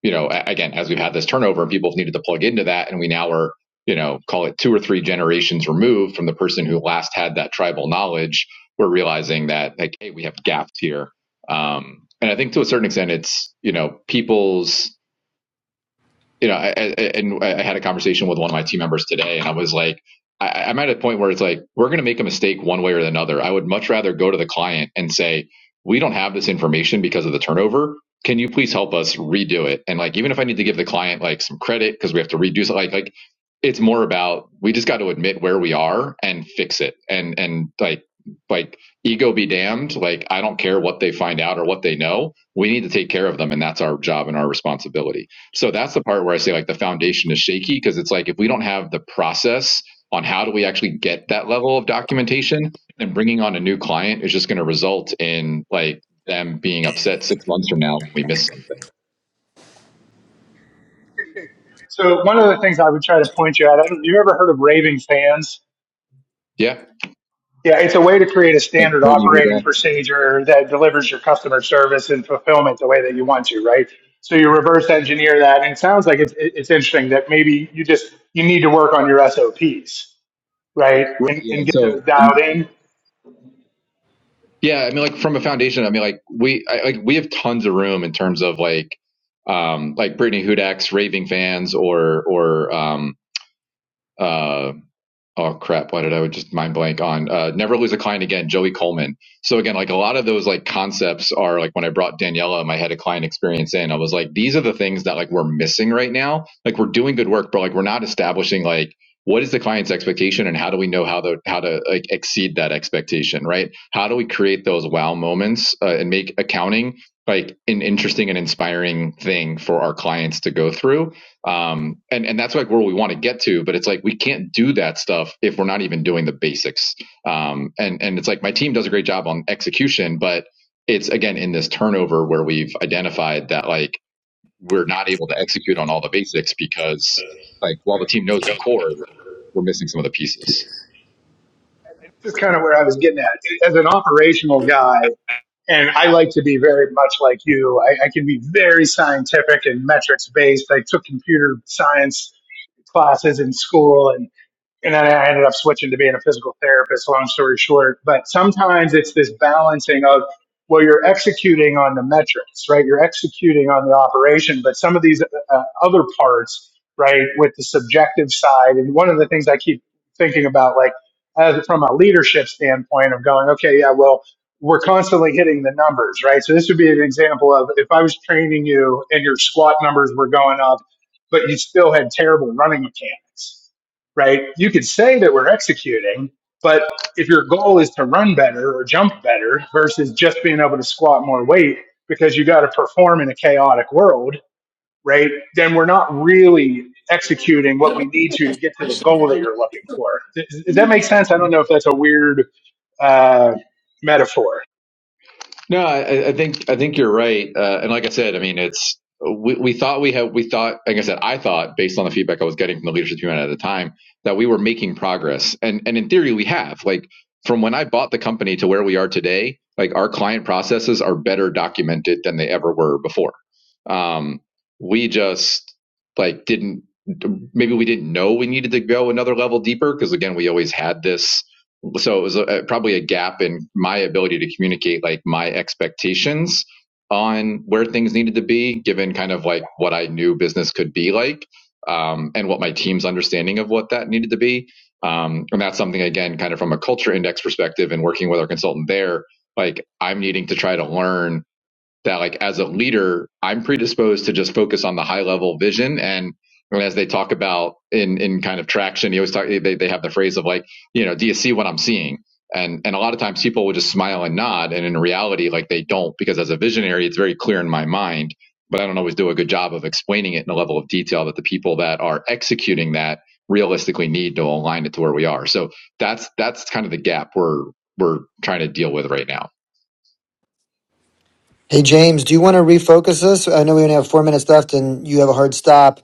you know, again, as we've had this turnover and people have needed to plug into that, and we now are, you know, call it two or three generations removed from the person who last had that tribal knowledge, we're realizing that, like, hey, we have gaps here. Um, and I think to a certain extent, it's, you know, people's you know, I, I, and I had a conversation with one of my team members today, and I was like, I, I'm at a point where it's like, we're going to make a mistake one way or another. I would much rather go to the client and say, we don't have this information because of the turnover. Can you please help us redo it? And like, even if I need to give the client like some credit because we have to redo it, like, like it's more about we just got to admit where we are and fix it. And, and like, like ego be damned. Like, I don't care what they find out or what they know. We need to take care of them. And that's our job and our responsibility. So that's the part where I say like the foundation is shaky because it's like if we don't have the process on how do we actually get that level of documentation, then bringing on a new client is just going to result in like them being upset six months from now if we miss something. So one of the things I would try to point you at. I you ever heard of raving fans? Yeah. Yeah, it's a way to create a Like standard Brittany operating Huda. procedure that delivers your customer service and fulfillment the way that you want to, right? So you reverse engineer that, and it sounds like it's, it's interesting that maybe you just you need to work on your SOPs, right, Right. and Yeah. and get those So dialed in. yeah, I mean, like from a foundation, I mean, like we I, like we have tons of room in terms of like um like Brittany Hudak's raving fans or or um uh, oh crap, why did I just mind blank on uh, Never Lose a Client Again, Joey Coleman. So again, like a lot of those like concepts are like when I brought Daniela, my head of client experience in, I was like, these are the things that like we're missing right now. Like we're doing good work, but like we're not establishing like what is the client's expectation and how do we know how to how to like exceed that expectation right how do we create those wow moments uh, and make accounting like an interesting and inspiring thing for our clients to go through um and and that's like where we want to get to but it's like we can't do that stuff if we're not even doing the basics um and and it's like my team does a great job on execution but it's again in this turnover where we've identified that like we're not able to execute on all the basics because like while the team knows the core we're missing some of the pieces This is kind of where I was getting at as an operational guy, and I like to be very much like you. I, I can be very scientific and metrics based. I took computer science classes in school, and. and then I ended up switching to being a physical therapist, long story short. But sometimes it's this balancing of, well, you're executing on the metrics, right? You're executing on the operation, but some of these uh, other parts, right, with the subjective side. And one of the things I keep thinking about, like, as from a leadership standpoint of going, okay, yeah, well, we're constantly hitting the numbers, right? So this would be an example of if I was training you and your squat numbers were going up, but you still had terrible running mechanics right? You could say that we're executing, but if your goal is to run better or jump better versus just being able to squat more weight because you got to perform in a chaotic world, right? Then we're not really executing what It is we need the to to get to the destination for goal the that line you're looking for. Does, does that and make hair. sense? I don't know if that's a weird uh, metaphor. No, I, I think I think you're right. Uh, and like I said, I mean, it's we, we thought we had we thought like I said, I thought based on the feedback I was getting from the leadership team at the time that we were making progress, and and in theory we have. Like from when I bought the company to where we are today, like our client processes are better documented than they ever were before. Um, we just like didn't maybe we didn't know we needed to go another level deeper because again we always had this so it was a, probably a gap in my ability to communicate like my expectations on where things needed to be given kind of like what i knew business could be like um, and what my team's understanding of what that needed to be um, and that's something again kind of from a culture index perspective and working with our consultant there like i'm needing to try to learn that like as a leader, I'm predisposed to just focus on the high level vision and as they talk about in in kind of traction, you always talk they, they have the phrase of like, you know, do you see what I'm seeing? And and a lot of times people will just smile and nod and in reality like they don't because as a visionary it's very clear in my mind, but I don't always do a good job of explaining it in a level of detail that the people that are executing that realistically need to align it to where we are. So that's that's kind of the gap we're we're trying to deal with right now. Hey, James, do you want to refocus us? I know we only have four minutes left and you have a hard stop.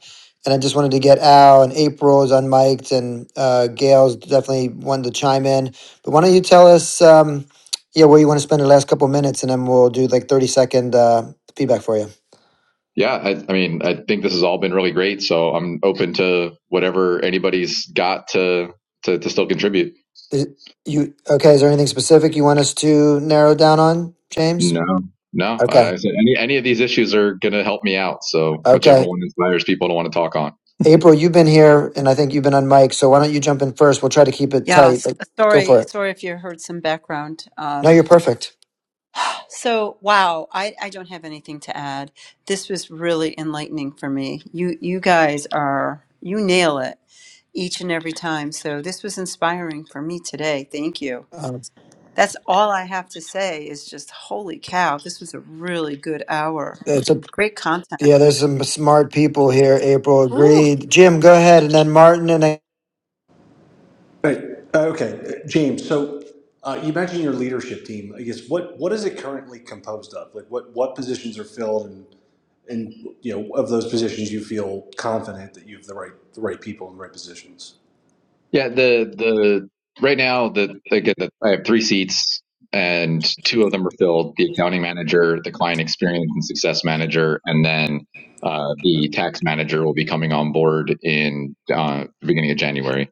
And I just wanted to get Al and April's unmiked and uh, Gail's definitely wanted to chime in. But why don't you tell us, um, yeah, where you want to spend the last couple minutes and then we'll do like 30 second uh, feedback for you. Yeah, I, I mean, I think this has all been really great. So I'm open to whatever anybody's got to to, to still contribute. Is, you. Okay, is there anything specific you want us to narrow down on, James? No, no, Okay, I said any any of these issues are going to help me out. So whichever okay. one inspires people to want to talk on. April, you've been here and I think you've been on mic. So why don't you jump in first? We'll try to keep it Yeah, tight. s- Like, Go sorry, for it. sorry if you heard some background. No, Um, you're perfect. so, wow, I, I don't have anything to add. This was really enlightening for me. You you guys are you nail it each and every time. So this was inspiring for me today. Thank you. Um, That's all I have to say is just holy cow, this was a really good hour. That's a Great content. yeah. There's some smart people here. April Ooh. agreed. Jim, go ahead, and then Martin, and then, Right. Uh, Okay, Uh, James. So uh, you mentioned your leadership team. I guess what what is it currently composed of? Like what what positions are filled, and and you know of those positions you feel confident that you have the right the right people in the right positions. Yeah, the the right now the again the, I have three seats and two of them are filled: the accounting manager, the client experience and success manager, and then uh, the tax manager will be coming on board in uh, the beginning of January.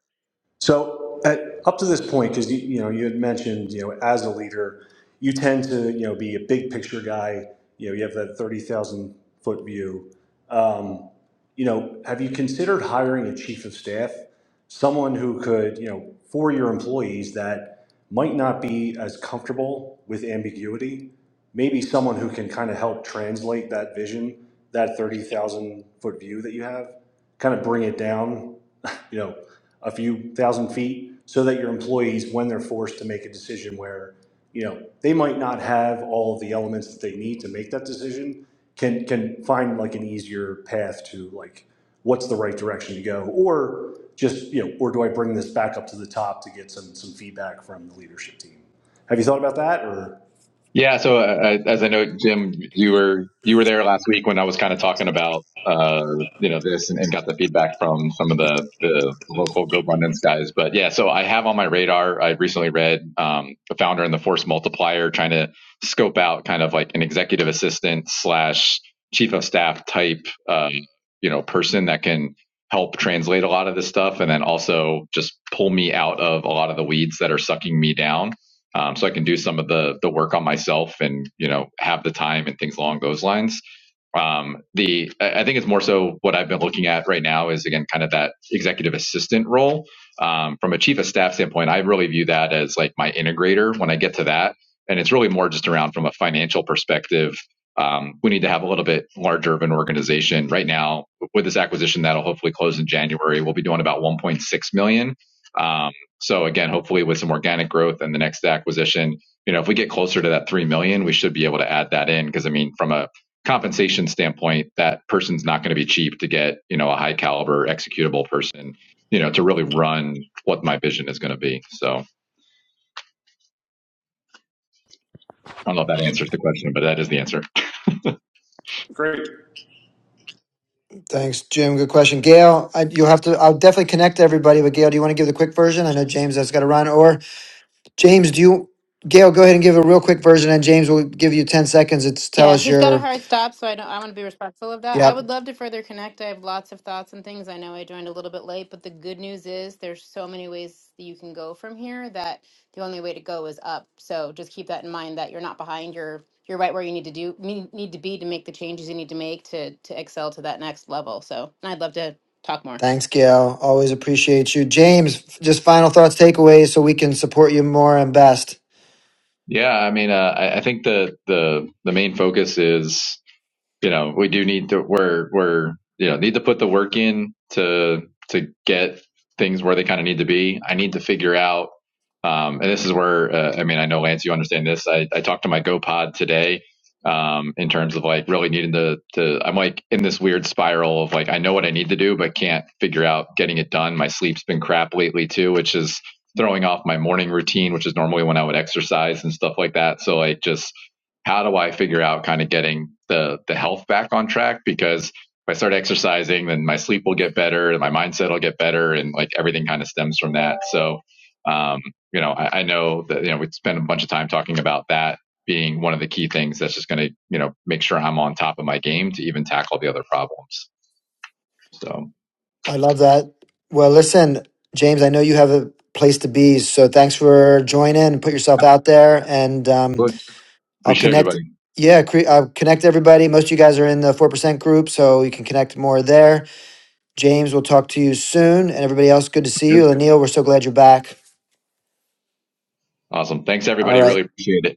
So at, up to this point, because you, you know you had mentioned you know as a leader, you tend to you know be a big picture guy. You know you have that thirty thousand foot view. Um, you know, have you considered hiring a chief of staff, someone who could you know for your employees that might not be as comfortable with ambiguity, maybe someone who can kind of help translate that vision, that thirty thousand foot view that you have, kind of bring it down [laughs] you know, a few thousand feet so that your employees, when they're forced to make a decision where, you know, they might not have all of the elements that they need to make that decision, can, can find like an easier path to like, what's the right direction to go? Or just, you know, or do I bring this back up to the top to get some, some feedback from the leadership team? Have you thought about that or? Yeah. So uh, as I know, Jim, you were you were there last week when I was kind of talking about uh, you know this and, and got the feedback from some of the the local GoBundance guys. But yeah, so I have on my radar. I recently read um, the founder and the force multiplier, trying to scope out kind of like an executive assistant slash chief of staff type um, you know person that can help translate a lot of this stuff and then also just pull me out of a lot of the weeds that are sucking me down um, so I can do some of the the work on myself and you know have the time and things along those lines. Um, the I think it's more so what I've been looking at right now is again kind of that executive assistant role. Um, from a chief of staff standpoint, I really view that as like my integrator when I get to that, and it's really more just around from a financial perspective. Um, we need to have a little bit larger of an organization right now with this acquisition that'll hopefully close in January. We'll be doing about 1.6 million. dollars. Um, so again, hopefully with some organic growth and the next acquisition, you know, if we get closer to that 3 million, we should be able to add that in because I mean from a compensation standpoint, that person's not going to be cheap to get, you know, a high caliber executable person, you know, to really run what my vision is going to be. So I don't know if that answers the question, but that is the answer. Great. thanks, Jim. Good question, Gail. I, you'll have to. I'll definitely connect everybody. But Gail, do you want to give the quick version? I know James has got to run. Or James, do you? Gail, go ahead and give a real quick version, and James will give you ten seconds to tell Yeah, us he's got a your. hard stop, so I don't. I want to be respectful of that. I Yep. would love to further connect. I have lots of thoughts and things. I know I joined a little bit late, but the good news is there's so many ways that you can go from here that the only way to go is up. So just keep that in mind that you're not behind. You're you're right where you need to do need need to be to make the changes you need to make to to excel to that next level. So and I'd love to talk more. Thanks, Gail. Always appreciate you, James. Just final thoughts, takeaways, so we can support you more and best. Yeah, I mean, uh, I, I think the the the main focus is you know, we do need to we're we're you know need to put the work in to to get things where they kind of need to be. I need to figure out, um, and this is where uh, I mean I know Lance, you understand this. I, I talked to my GoPod today um, in terms of like really needing to to I'm like in this weird spiral of like I know what I need to do but can't figure out getting it done. My sleep's been crap lately too, which is throwing off my morning routine, which is normally when I would exercise and stuff like that. So like just how do I figure out kind of getting the the health back on track? Because if I start exercising, then my sleep will get better, and my mindset will get better, and like everything kind of stems from that. So, um, you know, I, I know that you know we spend a bunch of time talking about that being one of the key things that's just going to you know make sure I'm on top of my game to even tackle the other problems. So, I love that. Well, listen, James, I know you have a place to be, so thanks for joining. Put yourself out there, and um, good. I'll appreciate connect. everybody. Yeah, cre- I'll connect everybody. Most of you guys are in the four percent group, so you can connect more there. James, we'll talk to you soon, and everybody else, good to see Good. you. Lanil, we're so glad you're back. Awesome. Thanks All everybody. right, Really appreciate it.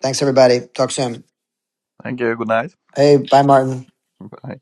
thanks everybody. Talk soon. Thank you. Good night. Hey, bye, Martin. bye.